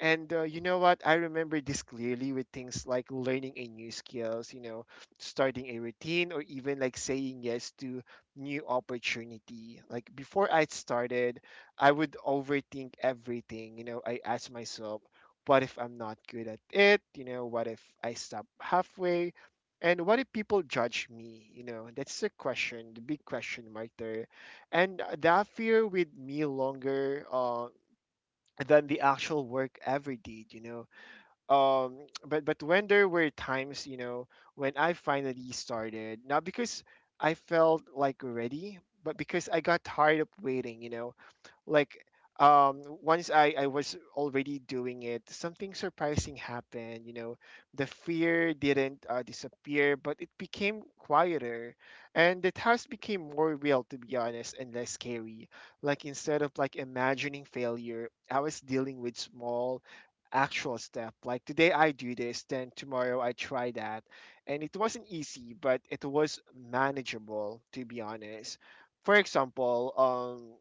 Speaker 1: And uh, you know what? I remember this clearly with things like learning a new skills, you know, starting a routine or even like saying yes to new opportunity. Like before I started, I would overthink everything. You know, I ask myself, what if I'm not good at it? You know, what if I stop halfway? And what if people judge me? You know, that's the question, the big question mark there. And that fear with me longer uh, than the actual work ever did, you know, um but but when there were times, you know, when I finally started not because I felt like ready but because I got tired of waiting, you know, like, um once I I was already doing it, something surprising happened, you know. The fear didn't uh, disappear, but it became quieter, and the task became more real, to be honest, and less scary. Like instead of like imagining failure, I was dealing with small actual step, like today I do this, then tomorrow I try that. And it wasn't easy, but it was manageable, to be honest. For example, um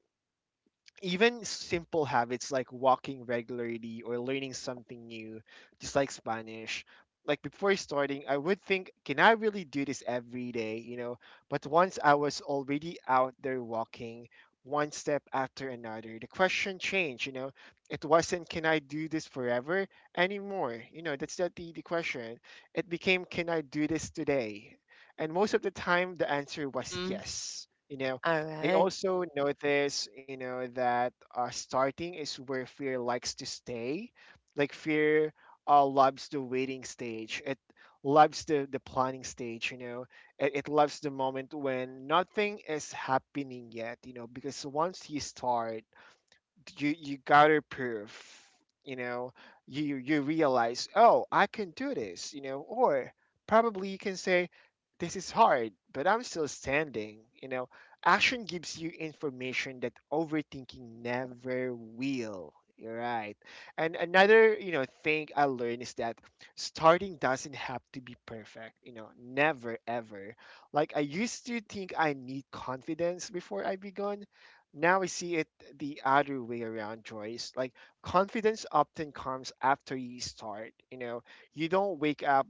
Speaker 1: even simple habits like walking regularly or learning something new, just like Spanish. Like before starting, I would think, can I really do this every day? You know, but once I was already out there walking, one step after another, the question changed. You know, it wasn't, can I do this forever anymore? You know, that's not the, the question. It became, can I do this today? And most of the time, the answer was
Speaker 2: Mm.
Speaker 1: yes. You know,
Speaker 2: All
Speaker 1: I
Speaker 2: right.
Speaker 1: also notice, you know, that uh, starting is where fear likes to stay. Like fear uh, loves the waiting stage. It loves the, the planning stage, you know. It, it loves the moment when nothing is happening yet, you know, because once you start, you you gotta prove, you know, you you realize, oh, I can do this, you know, or probably you can say this is hard but I'm still standing, you know. Action gives you information that overthinking never will. You're right. And another you know thing I learned is that starting doesn't have to be perfect, you know, never ever. Like I used to think I need confidence before I begun. Now I see it the other way around, Joyce. Like confidence often comes after you start. You know, you don't wake up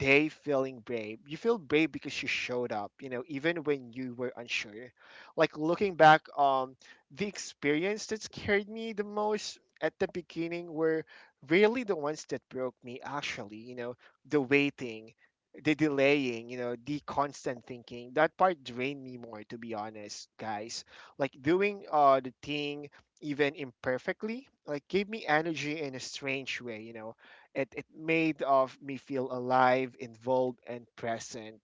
Speaker 1: they feeling brave. You feel brave because you showed up, you know, even when you were unsure. Like looking back, um, the experience that scared me the most at the beginning were really the ones that broke me actually, you know, the waiting, the delaying, you know, the constant thinking. That part drained me more, to be honest, guys. Like doing uh the thing, even imperfectly, like gave me energy in a strange way, you know, it it made of me feel alive, involved, and present.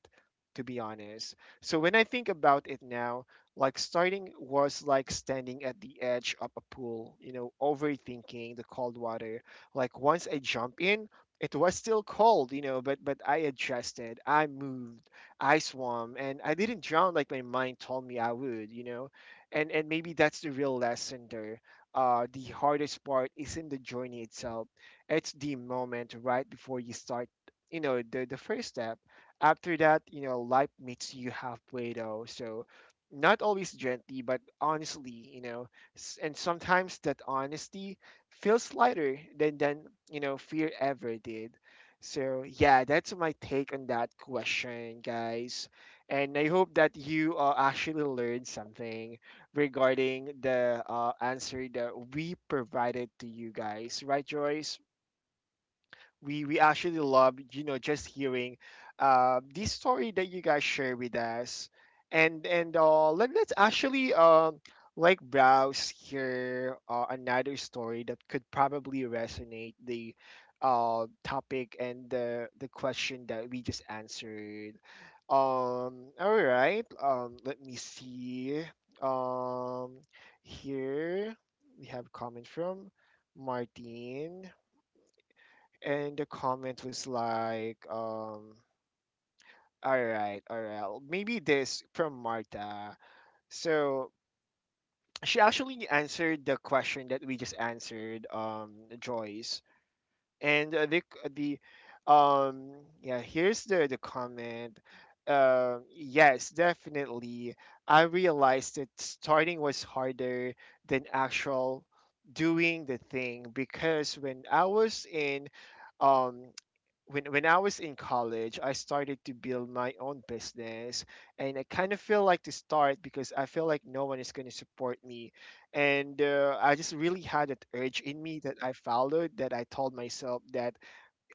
Speaker 1: To be honest, so when I think about it now, like starting was like standing at the edge of a pool, you know, overthinking the cold water. Like once I jump in, it was still cold, you know, but but I adjusted, I moved, I swam, and I didn't drown like my mind told me I would, you know. And and maybe that's the real lesson there. Uh, the hardest part isn't the journey itself. It's the moment right before you start, you know, the the first step. After that, you know, life meets you halfway, though, so not always gently but honestly, you know. S- and sometimes that honesty feels lighter than than you know fear ever did. So yeah, that's my take on that question, guys, and I hope that you uh, actually learned something regarding the uh, answer that we provided to you guys, right, Joyce? We we actually love, you know, just hearing uh, this story that you guys share with us. And and uh, let, let's actually um like browse here uh, another story that could probably resonate the uh, topic and the the question that we just answered. Um all right, um let me see. um Here we have comment from Martin. And the comment was like, um, all right, all right, maybe this from Marta. So she actually answered the question that we just answered, um, Joyce, and uh, the the um yeah, here's the the comment. Um yes, definitely. I realized that starting was harder than actual doing the thing, because when I was in um when when I was in college, I started to build my own business, and I kind of feel like to start because I feel like no one is going to support me, and uh, I just really had that urge in me that I followed. That I told myself that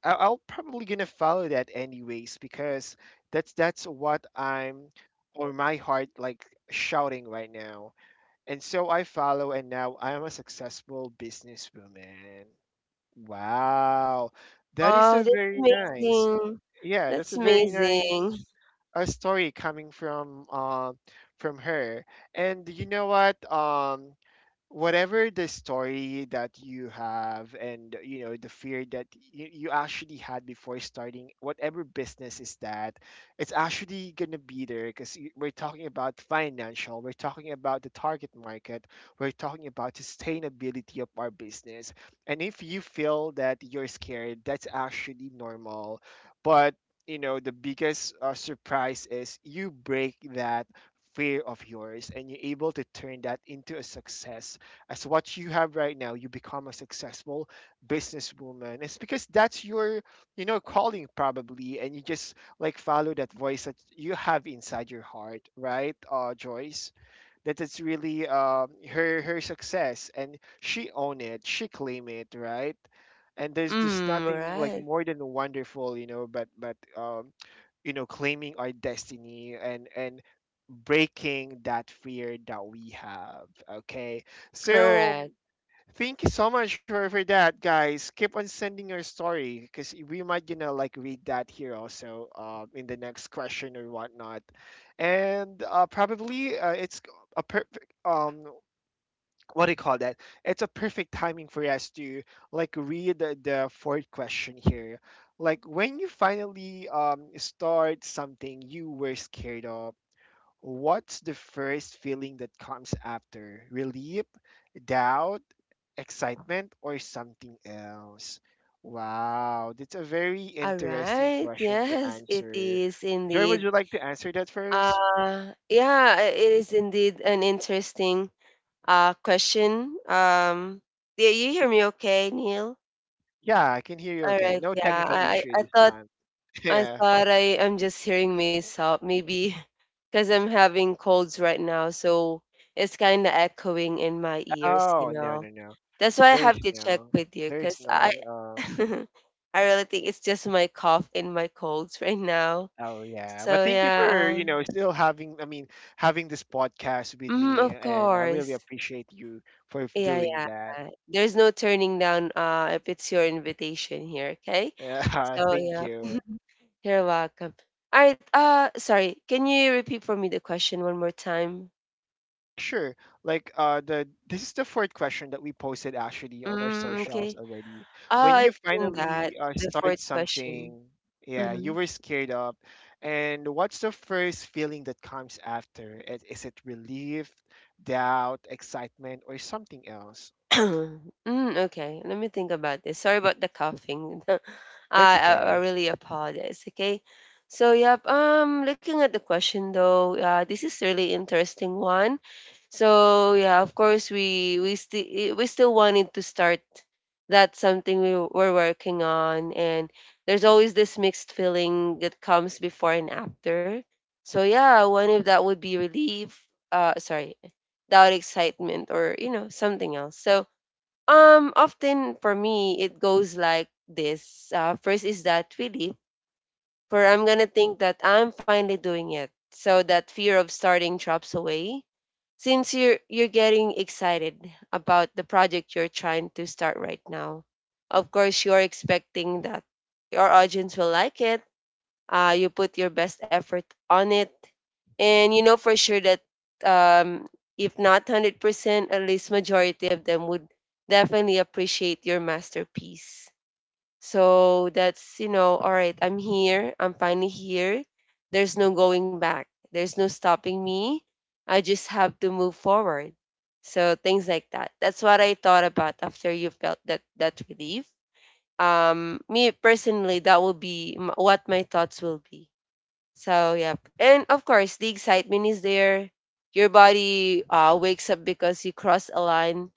Speaker 1: I- I'll probably gonna follow that anyways, because that's that's what I'm, or my heart like shouting right now, and so I follow, and now I am a successful businesswoman. Wow. That is
Speaker 2: Wow,
Speaker 1: a
Speaker 2: that's
Speaker 1: very nice.
Speaker 2: amazing.
Speaker 1: Yeah, that's
Speaker 2: That's
Speaker 1: a very nice
Speaker 2: amazing.
Speaker 1: uh, story coming from uh, from her. And you know what, um whatever the story that you have, and you know the fear that you, you actually had before starting whatever business is, that it's actually going to be there, because we're talking about financial, we're talking about the target market, we're talking about sustainability of our business. And if you feel that you're scared, that's actually normal. But you know, the biggest uh, surprise is you break that fear of yours and you're able to turn that into a success, as what you have right now. You become a successful businesswoman. It's because that's your, you know, calling probably, and you just like follow that voice that you have inside your heart, right, uh Joyce? That it's really um, her her success, and she own it, she claim it, right? And there's just
Speaker 2: Mm,
Speaker 1: nothing like
Speaker 2: right.
Speaker 1: more than wonderful, you know, but but um, you know, claiming our destiny and and breaking that fear that we have, okay? So
Speaker 2: Correct.
Speaker 1: thank you so much for, for that, guys. Keep on sending your story, because we might, you know, like read that here also uh, in the next question or whatnot. And uh, probably uh, it's a perfect, um, what do you call that, it's a perfect timing for us to like read the, the fourth question here. Like when you finally um, start something you were scared of, what's the first feeling that comes after? Relief, doubt, excitement, or something else? Wow, that's a very
Speaker 2: All
Speaker 1: interesting
Speaker 2: right.
Speaker 1: question to
Speaker 2: Yes, it
Speaker 1: answer.
Speaker 2: is
Speaker 1: Joy, would
Speaker 2: indeed.
Speaker 1: you like to answer that first?
Speaker 2: Uh yeah, i- it is indeed an interesting uh question. Um, yeah, you hear me okay, Neil?
Speaker 1: Yeah, I can hear you
Speaker 2: All
Speaker 1: okay.
Speaker 2: right.
Speaker 1: No
Speaker 2: Yeah.
Speaker 1: technical
Speaker 2: I I,
Speaker 1: issue
Speaker 2: I
Speaker 1: this
Speaker 2: thought
Speaker 1: time. [LAUGHS]
Speaker 2: I
Speaker 1: Yeah.
Speaker 2: thought I am just hearing myself, maybe. [LAUGHS] Because I'm having colds right now, so it's kind of echoing in my ears, you
Speaker 1: Oh, no,
Speaker 2: know.
Speaker 1: no, no.
Speaker 2: That's why I
Speaker 1: There is
Speaker 2: have to check
Speaker 1: no.
Speaker 2: with you,
Speaker 1: There is
Speaker 2: because I,
Speaker 1: none.
Speaker 2: [LAUGHS]
Speaker 1: Uh,
Speaker 2: I really think it's just my cough and my colds right now.
Speaker 1: Oh yeah,
Speaker 2: So
Speaker 1: but thank you for,
Speaker 2: yeah,
Speaker 1: you know, still having, I mean, having this podcast with
Speaker 2: mm,
Speaker 1: me,
Speaker 2: of
Speaker 1: and I really
Speaker 2: course,
Speaker 1: appreciate you for f-
Speaker 2: yeah,
Speaker 1: doing that. [LAUGHS]
Speaker 2: yeah. There's no turning down uh if it's your invitation here, okay?
Speaker 1: Uh,
Speaker 2: So
Speaker 1: thank
Speaker 2: yeah,
Speaker 1: you.
Speaker 2: you're welcome. All right. Uh, sorry. Can you repeat for me the question one more time?
Speaker 1: Sure. Like uh, the this is the fourth question that we posted actually on our
Speaker 2: Mm,
Speaker 1: socials
Speaker 2: okay.
Speaker 1: already.
Speaker 2: Oh,
Speaker 1: When you
Speaker 2: I've seen that.
Speaker 1: finally uh,
Speaker 2: The
Speaker 1: start
Speaker 2: fourth question.
Speaker 1: something, yeah, you
Speaker 2: Mhm.
Speaker 1: were scared of, and what's the first feeling that comes after? Is, is it relief, doubt, excitement, or something else?
Speaker 2: [CLEARS THROAT] Mm, okay, let me think about this. Sorry about the coughing. [LAUGHS]
Speaker 1: That's
Speaker 2: I, I I
Speaker 1: okay.
Speaker 2: really apologize. Okay, so yep. Um, looking at the question though, uh, this is really interesting one. So yeah, of course we we still we still wanted to start. That's something we were working on, and there's always this mixed feeling that comes before and after. So yeah, one of that would be relief. Uh, sorry, doubt, excitement, or you know something else. So um, often for me, it goes like this. Uh, first is that relief, for I'm gonna think that I'm finally doing it. So that fear of starting drops away, since you're you're getting excited about the project you're trying to start right now. Of course, you're expecting that your audience will like it, uh, you put your best effort on it, and you know for sure that, um, if not one hundred percent at least majority of them would definitely appreciate your masterpiece. So that's, you know, all right, I'm here, I'm finally here, there's no going back, there's no stopping me, I just have to move forward. So things like that, that's what I thought about after you felt that that relief. Um, me personally, that will be m- what my thoughts will be. So yeah, and of course the excitement is there. Your body uh, wakes up because you cross a line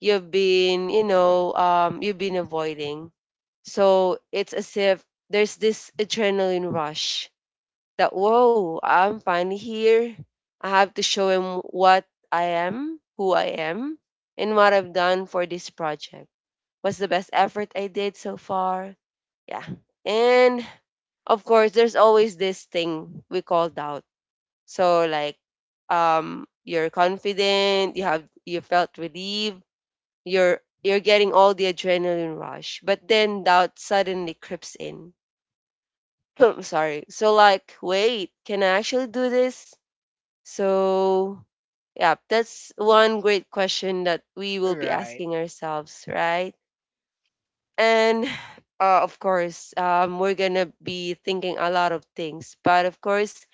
Speaker 2: you've been, you know, um, you've been avoiding. So it's as if there's this adrenaline rush that whoa, I'm finally here. I have to show him what I am, who I am, and what I've done for this project. What's the best effort I did so far? Yeah. And of course, there's always this thing we call doubt. So like, um, you're confident, you have you felt relieved, you're you're getting all the adrenaline rush, but then doubt suddenly creeps in. [CLEARS THROAT] Sorry. So like, wait, can I actually do this? So yeah, that's one great question that we will be
Speaker 1: Right.
Speaker 2: asking ourselves, right? And [SIGHS] uh, of course, um, we're gonna be thinking a lot of things, but of course,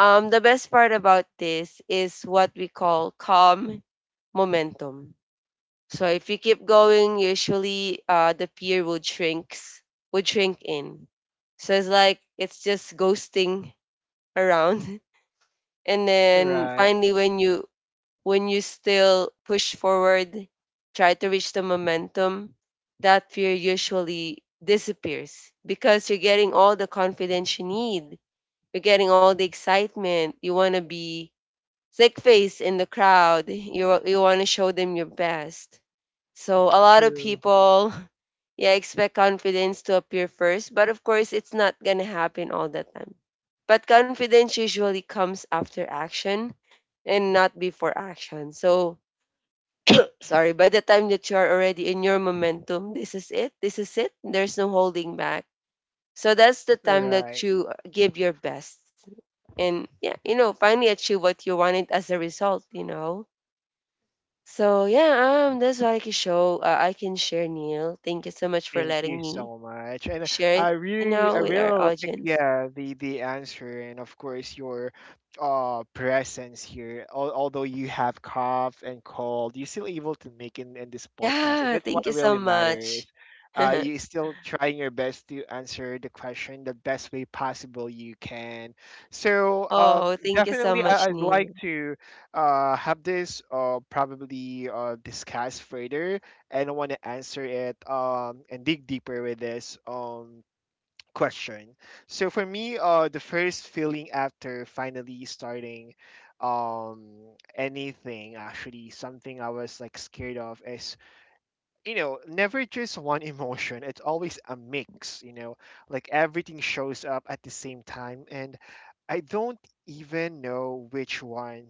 Speaker 2: um, the best part about this is what we call calm momentum. So if you keep going, usually, uh, the peer would shrinks would shrink in. So it's like it's just ghosting around, [LAUGHS] and then
Speaker 1: Right,
Speaker 2: finally when you when you still push forward, try to reach the momentum, that fear usually disappears because you're getting all the confidence you need. You're getting all the excitement. You want to be sick face in the crowd. You you want to show them your best. So a lot of
Speaker 1: true,
Speaker 2: people [LAUGHS] yeah, expect confidence to appear first, but of course it's not going to happen all the time. But confidence usually comes after action and not before action. So, sorry, by the time that you are already in your momentum, this is it. This is it. There's no holding back. So that's the time that
Speaker 1: right.
Speaker 2: you give your best. And yeah, you know, finally achieve what you wanted as a result, you know. So yeah, um, that's what I can show. Uh, I can share, Neil. Thank you so much for
Speaker 1: Thank
Speaker 2: letting
Speaker 1: you
Speaker 2: me
Speaker 1: so much. And
Speaker 2: share
Speaker 1: I
Speaker 2: it. You
Speaker 1: really,
Speaker 2: know,
Speaker 1: I
Speaker 2: with our
Speaker 1: really like,
Speaker 2: audience. [LAUGHS]
Speaker 1: yeah, the the answer, and of course your uh presence here. Al, although you have cough and cold, you're still able to make in in this podcast, and
Speaker 2: Yeah,
Speaker 1: that's what
Speaker 2: thank you so
Speaker 1: really matters.
Speaker 2: much.
Speaker 1: Uh, you're still trying your best to answer the question the best way possible you can.
Speaker 2: [LAUGHS]
Speaker 1: So, um,
Speaker 2: Oh, thank you so
Speaker 1: definitely,
Speaker 2: much,
Speaker 1: I, I'd like
Speaker 2: Neil.
Speaker 1: to uh have this uh probably uh discuss further and want to answer it, um, and dig deeper with this um, question. So for me, uh, the first feeling after finally starting um, anything, actually something I was like scared of, is, you know, never just one emotion. It's always a mix, you know, like everything shows up at the same time. And I don't even know which one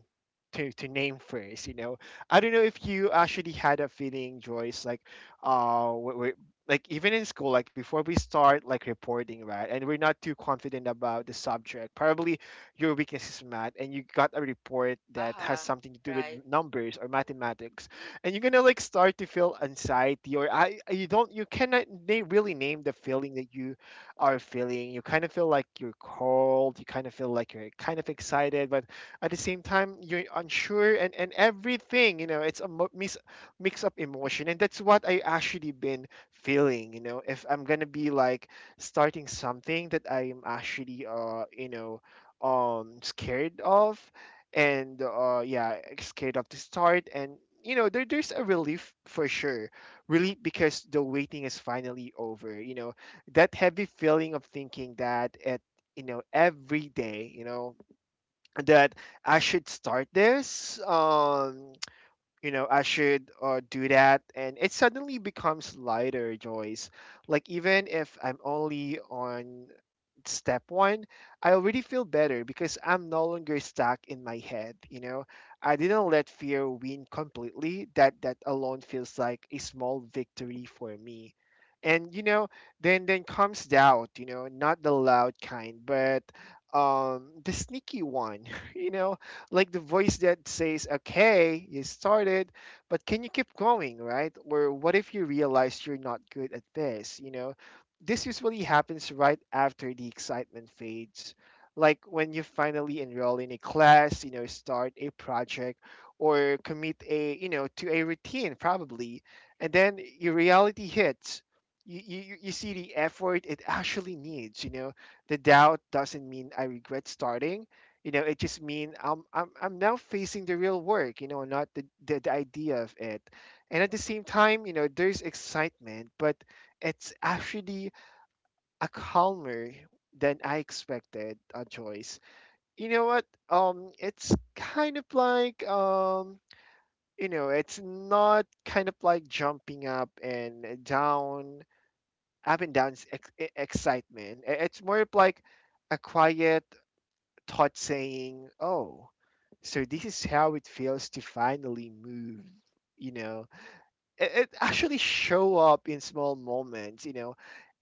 Speaker 1: to, to name first, you know. I don't know if you actually had a feeling, Joyce, like, uh, we we- like even in school, like before we start like reporting, right, and we're not too confident about the subject. Probably your weakness is math, and you got a report that has
Speaker 2: Uh-huh.
Speaker 1: something to do with
Speaker 2: Right.
Speaker 1: numbers or mathematics, and you're gonna like start to feel anxiety, or I, you don't, you cannot na- really name the feeling that you are feeling. You kind of feel like you're cold. You kind of feel like you're kind of excited, but at the same time you're unsure and and everything. You know, it's a mo- mix mix up emotion, and that's what I actually been feeling. You know, if I'm gonna be like starting something that I'm actually uh you know um scared of, and uh yeah, scared of the start. And you know, there, there's a relief for sure. Relief because the waiting is finally over, you know, that heavy feeling of thinking that at, you know, every day, you know, that I should start this, um you know, I should uh, do that, and it suddenly becomes lighter, Joyce. Like even if I'm only on step one, I already feel better because I'm no longer stuck in my head, you know. I didn't let fear win completely. That that alone feels like a small victory for me. And you know, then then comes doubt, you know, not the loud kind but um the sneaky one, [LAUGHS] you know, like the voice that says, okay, you started, but can you keep going, right? Or what if you realize you're not good at this? You know, this usually happens right after the excitement fades. Like when you finally enroll in a class, you know, start a project or commit a, you know, to a routine probably. And then your reality hits. You, you, you see the effort it [LAUGHS] actually needs, you know. The doubt doesn't mean I regret starting, you know, it just mean i'm i'm, I'm now facing the real work, you know, not the, the the idea of it. And at the same time, you know, there's excitement, but it's actually a calmer than I expected, a choice, you know what, um it's kind of like, um you know, it's not kind of like jumping up and down, up and down ex- e- excitement. I- it's more of like a quiet thought saying, "Oh, so this is how it feels to finally move." You know, it, it actually show up in small moments. You know,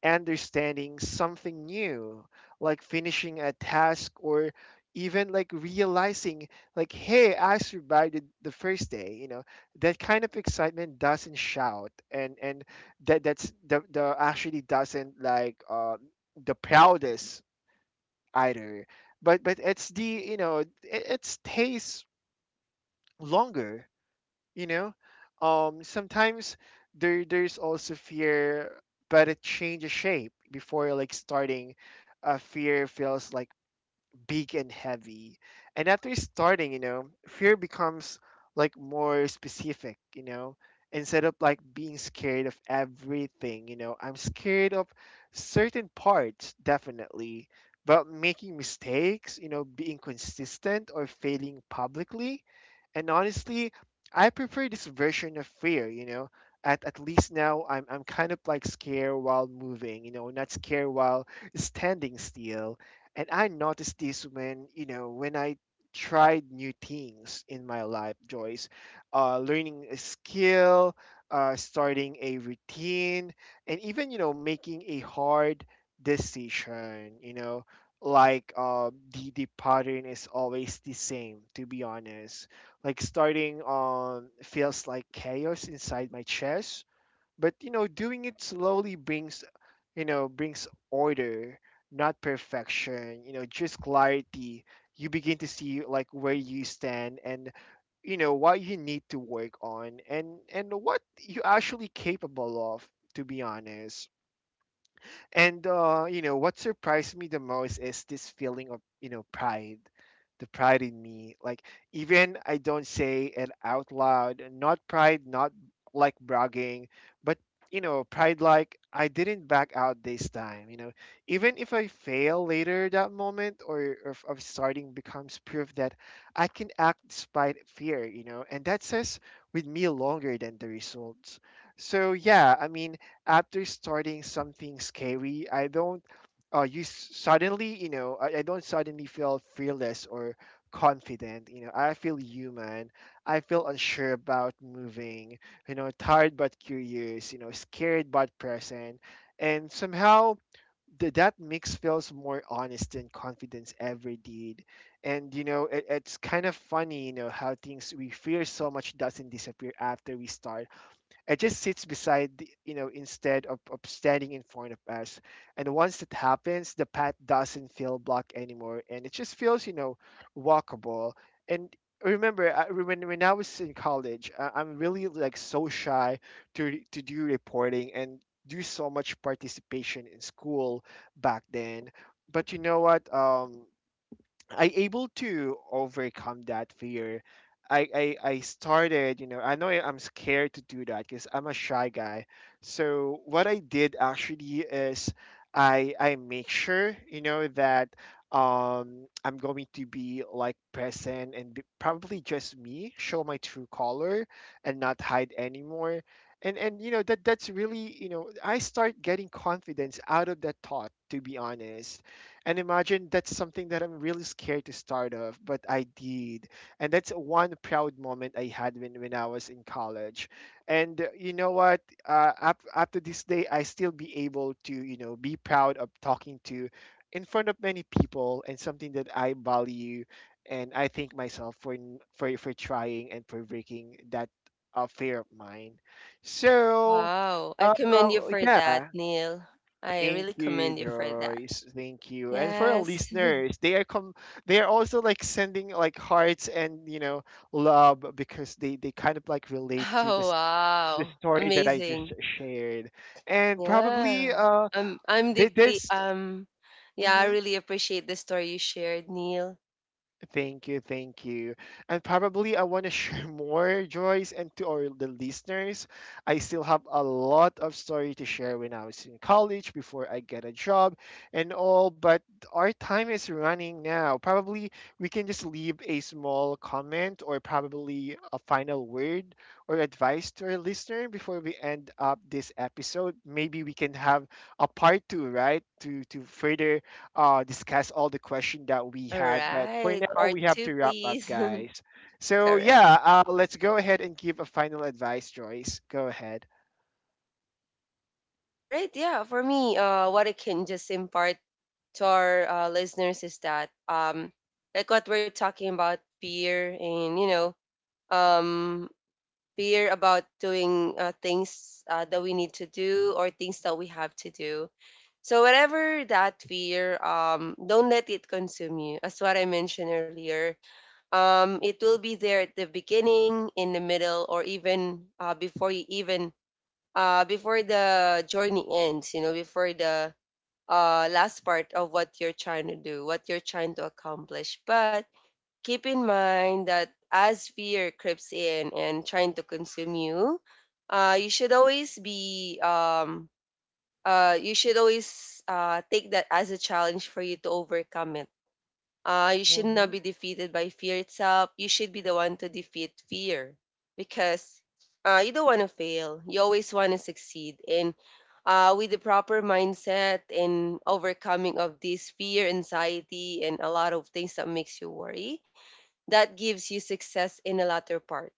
Speaker 1: understanding something new, like finishing a task or even like realizing like hey, I survived it the first day, you know. That kind of excitement doesn't shout, and and that that's the, the actually doesn't like uh, the proudest either. But but it's the, you know, it, it stays longer. You know, um, sometimes there there's also fear, but it changes shape before like starting. Uh, fear feels like big and heavy. And after starting, you know, fear becomes like more specific, you know, instead of like being scared of everything, you know, I'm scared of certain parts, definitely, but making mistakes, you know, being consistent or failing publicly. And honestly, I prefer this version of fear, you know. At, at least now I'm, I'm kind of like scared while moving, you know, not scared while standing still. And I noticed this when, you know, when I tried new things in my life, Joyce, uh, learning a skill, uh, starting a routine, and even, you know, making a hard decision, you know, like uh, the, the pattern is always the same, to be honest. Like starting um, feels like chaos inside my chest, but you know, doing it slowly brings, you know, brings order, not perfection, you know, just clarity. You begin to see like where you stand and, you know, what you need to work on and and what you are actually capable of, to be honest. And uh, you know, what surprised me the most is this feeling of, you know, pride. The pride in me. Like even I don't say it out loud. Not pride, not like bragging, but you know, pride like I didn't back out this time, you know. Even if I fail later, that moment or if of starting becomes proof that I can act despite fear, you know, and that says with me longer than the results. So yeah, I mean after starting something scary, I don't uh, you s- suddenly, you know, I, I don't suddenly feel fearless or confident. You know, I feel human. I feel unsure about moving. You know, tired but curious. You know, scared but present. And somehow, th- that mix feels more honest than confidence ever did. And you know, it, it's kind of funny, you know, how things we fear so much doesn't disappear after we start. It just sits beside, the, you know, instead of, of standing in front of us. And once that happens, the path doesn't feel blocked anymore, and it just feels, you know, walkable. And remember, I, when when I was in college, I, I'm really like so shy to to do reporting and do so much participation in school back then. But you know what? Um, I able to overcome that fear. I, I, I started, you know, I know I- I'm scared to do that because I'm a shy guy. So what I did actually is I I make sure, you know, that um I'm going to be like present and be, probably just me, show my true color and not hide anymore. And and you know, that that's really, you know, I start getting confidence out of that thought, to be honest, and imagine that's something that I'm really scared to start off, but I did. And that's one proud moment I had when, when I was in college. And uh, you know what? Uh, up, up to this day, I still be able to, you know, be proud of talking to in front of many people and something that I value. And I thank myself for, n- for, for trying and for breaking that uh, fear of mine. So,
Speaker 2: Wow. I
Speaker 1: uh, uh,
Speaker 2: commend you for that,
Speaker 1: yeah.
Speaker 2: Neil. I
Speaker 1: Thank
Speaker 2: really
Speaker 1: you,
Speaker 2: commend you for that.
Speaker 1: Joyce. Thank you. And for our
Speaker 2: Yes. [LAUGHS]
Speaker 1: listeners, they are com they are also like sending like hearts and, you know, love because they they kind of like relate to
Speaker 2: Oh,
Speaker 1: this, the
Speaker 2: wow.
Speaker 1: story that I
Speaker 2: Amazing.
Speaker 1: just shared. And probably
Speaker 2: Yeah.
Speaker 1: uh
Speaker 2: I'm I'm
Speaker 1: did
Speaker 2: deeply
Speaker 1: this
Speaker 2: um yeah, I
Speaker 1: mhm.
Speaker 2: really appreciate the story you shared, Neil.
Speaker 1: Thank you, thank you. And probably I want to [LAUGHS] share more, Joyce, and to all the listeners. I still have a lot of story to share when I was in college, before I get a job and all, but our time is running now. Probably we can just leave a small comment or probably a final word or advice to our listener before we end up this episode. Maybe we can have a part two, right? To to further uh, discuss all the question that we
Speaker 2: All
Speaker 1: had. But for
Speaker 2: right.
Speaker 1: now,
Speaker 2: Part
Speaker 1: we have
Speaker 2: two,
Speaker 1: to wrap up,
Speaker 2: please. [LAUGHS]
Speaker 1: guys. So
Speaker 2: Correct.
Speaker 1: yeah, uh, let's go ahead and give a final advice, Joyce. Go ahead.
Speaker 2: All right. Yeah. For me, uh, what I can just impart to our uh, listeners is that, um, like what we're talking about fear and, you know, um, fear about doing uh, things uh, that we need to do or things that we have to do. So whatever that fear, um, don't let it consume you. As what I mentioned earlier, um, it will be there at the beginning, in the middle, or even uh, before you even, uh, before the journey ends. You know, before the uh, last part of what you're trying to do, what you're trying to accomplish. But keep in mind that as fear creeps in and trying to consume you, uh, you should always be um, uh, you should always uh, take that as a challenge for you to overcome it. Uh, you should not be
Speaker 1: Hmm.
Speaker 2: defeated by fear itself. You should be the one to defeat fear because uh, you don't want to fail. You always want to succeed. And uh, with the proper mindset and overcoming of this fear, anxiety, and a lot of things that makes you worry, that gives you success in the latter part.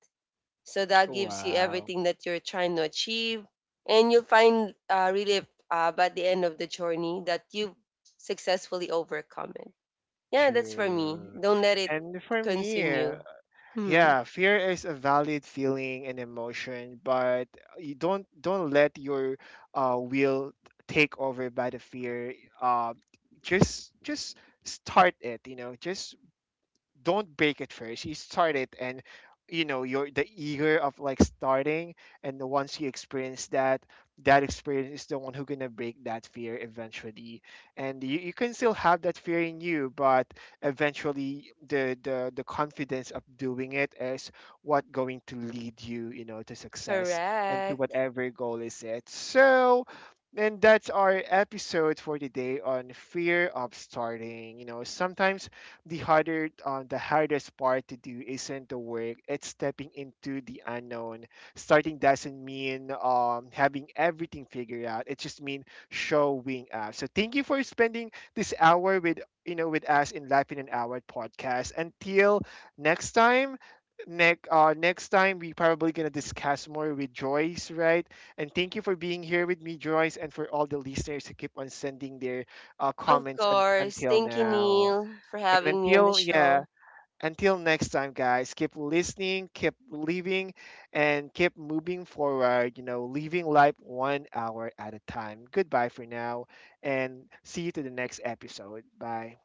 Speaker 2: So that gives you
Speaker 1: Wow,
Speaker 2: everything that you're trying to achieve, and you'll find uh, relief uh, by the end of the journey that you've successfully overcome it. Yeah, that's for me.
Speaker 1: true.
Speaker 2: Don't let it
Speaker 1: And for me,
Speaker 2: consume you. Mhm.
Speaker 1: yeah, fear is a valid feeling and emotion, but you don't don't let your uh, will take over by the fear. Uh, just just start it. You know, just don't break it first, you start it, and you know, you're the eager of like starting, and once you experience that, that experience is the one who gonna break that fear eventually. And you, you can still have that fear in you, but eventually the, the the confidence of doing it is what going to lead you, you know, to success and to
Speaker 2: Correct.
Speaker 1: whatever goal is it. So, and that's our episode for today on fear of starting. You know, sometimes the harder uh, the hardest part to do isn't the work, it's stepping into the unknown. Starting doesn't mean um, having everything figured out, it just means showing up. So thank you for spending this hour with, you know, with us in Life in an Hour podcast. Until next time, next uh, next time we probably gonna discuss more with Joyce, right? And thank you for being here with me, Joyce, and for all the listeners who keep on sending their uh,
Speaker 2: Of
Speaker 1: comments un-
Speaker 2: course.
Speaker 1: until
Speaker 2: Thank you,
Speaker 1: now.
Speaker 2: Neil, for
Speaker 1: And
Speaker 2: having me on the
Speaker 1: until,
Speaker 2: show.
Speaker 1: yeah, until next time, guys, keep listening, keep living, and keep moving forward, you know, living life one hour at a time. Goodbye for now, and see you to the next episode. Bye.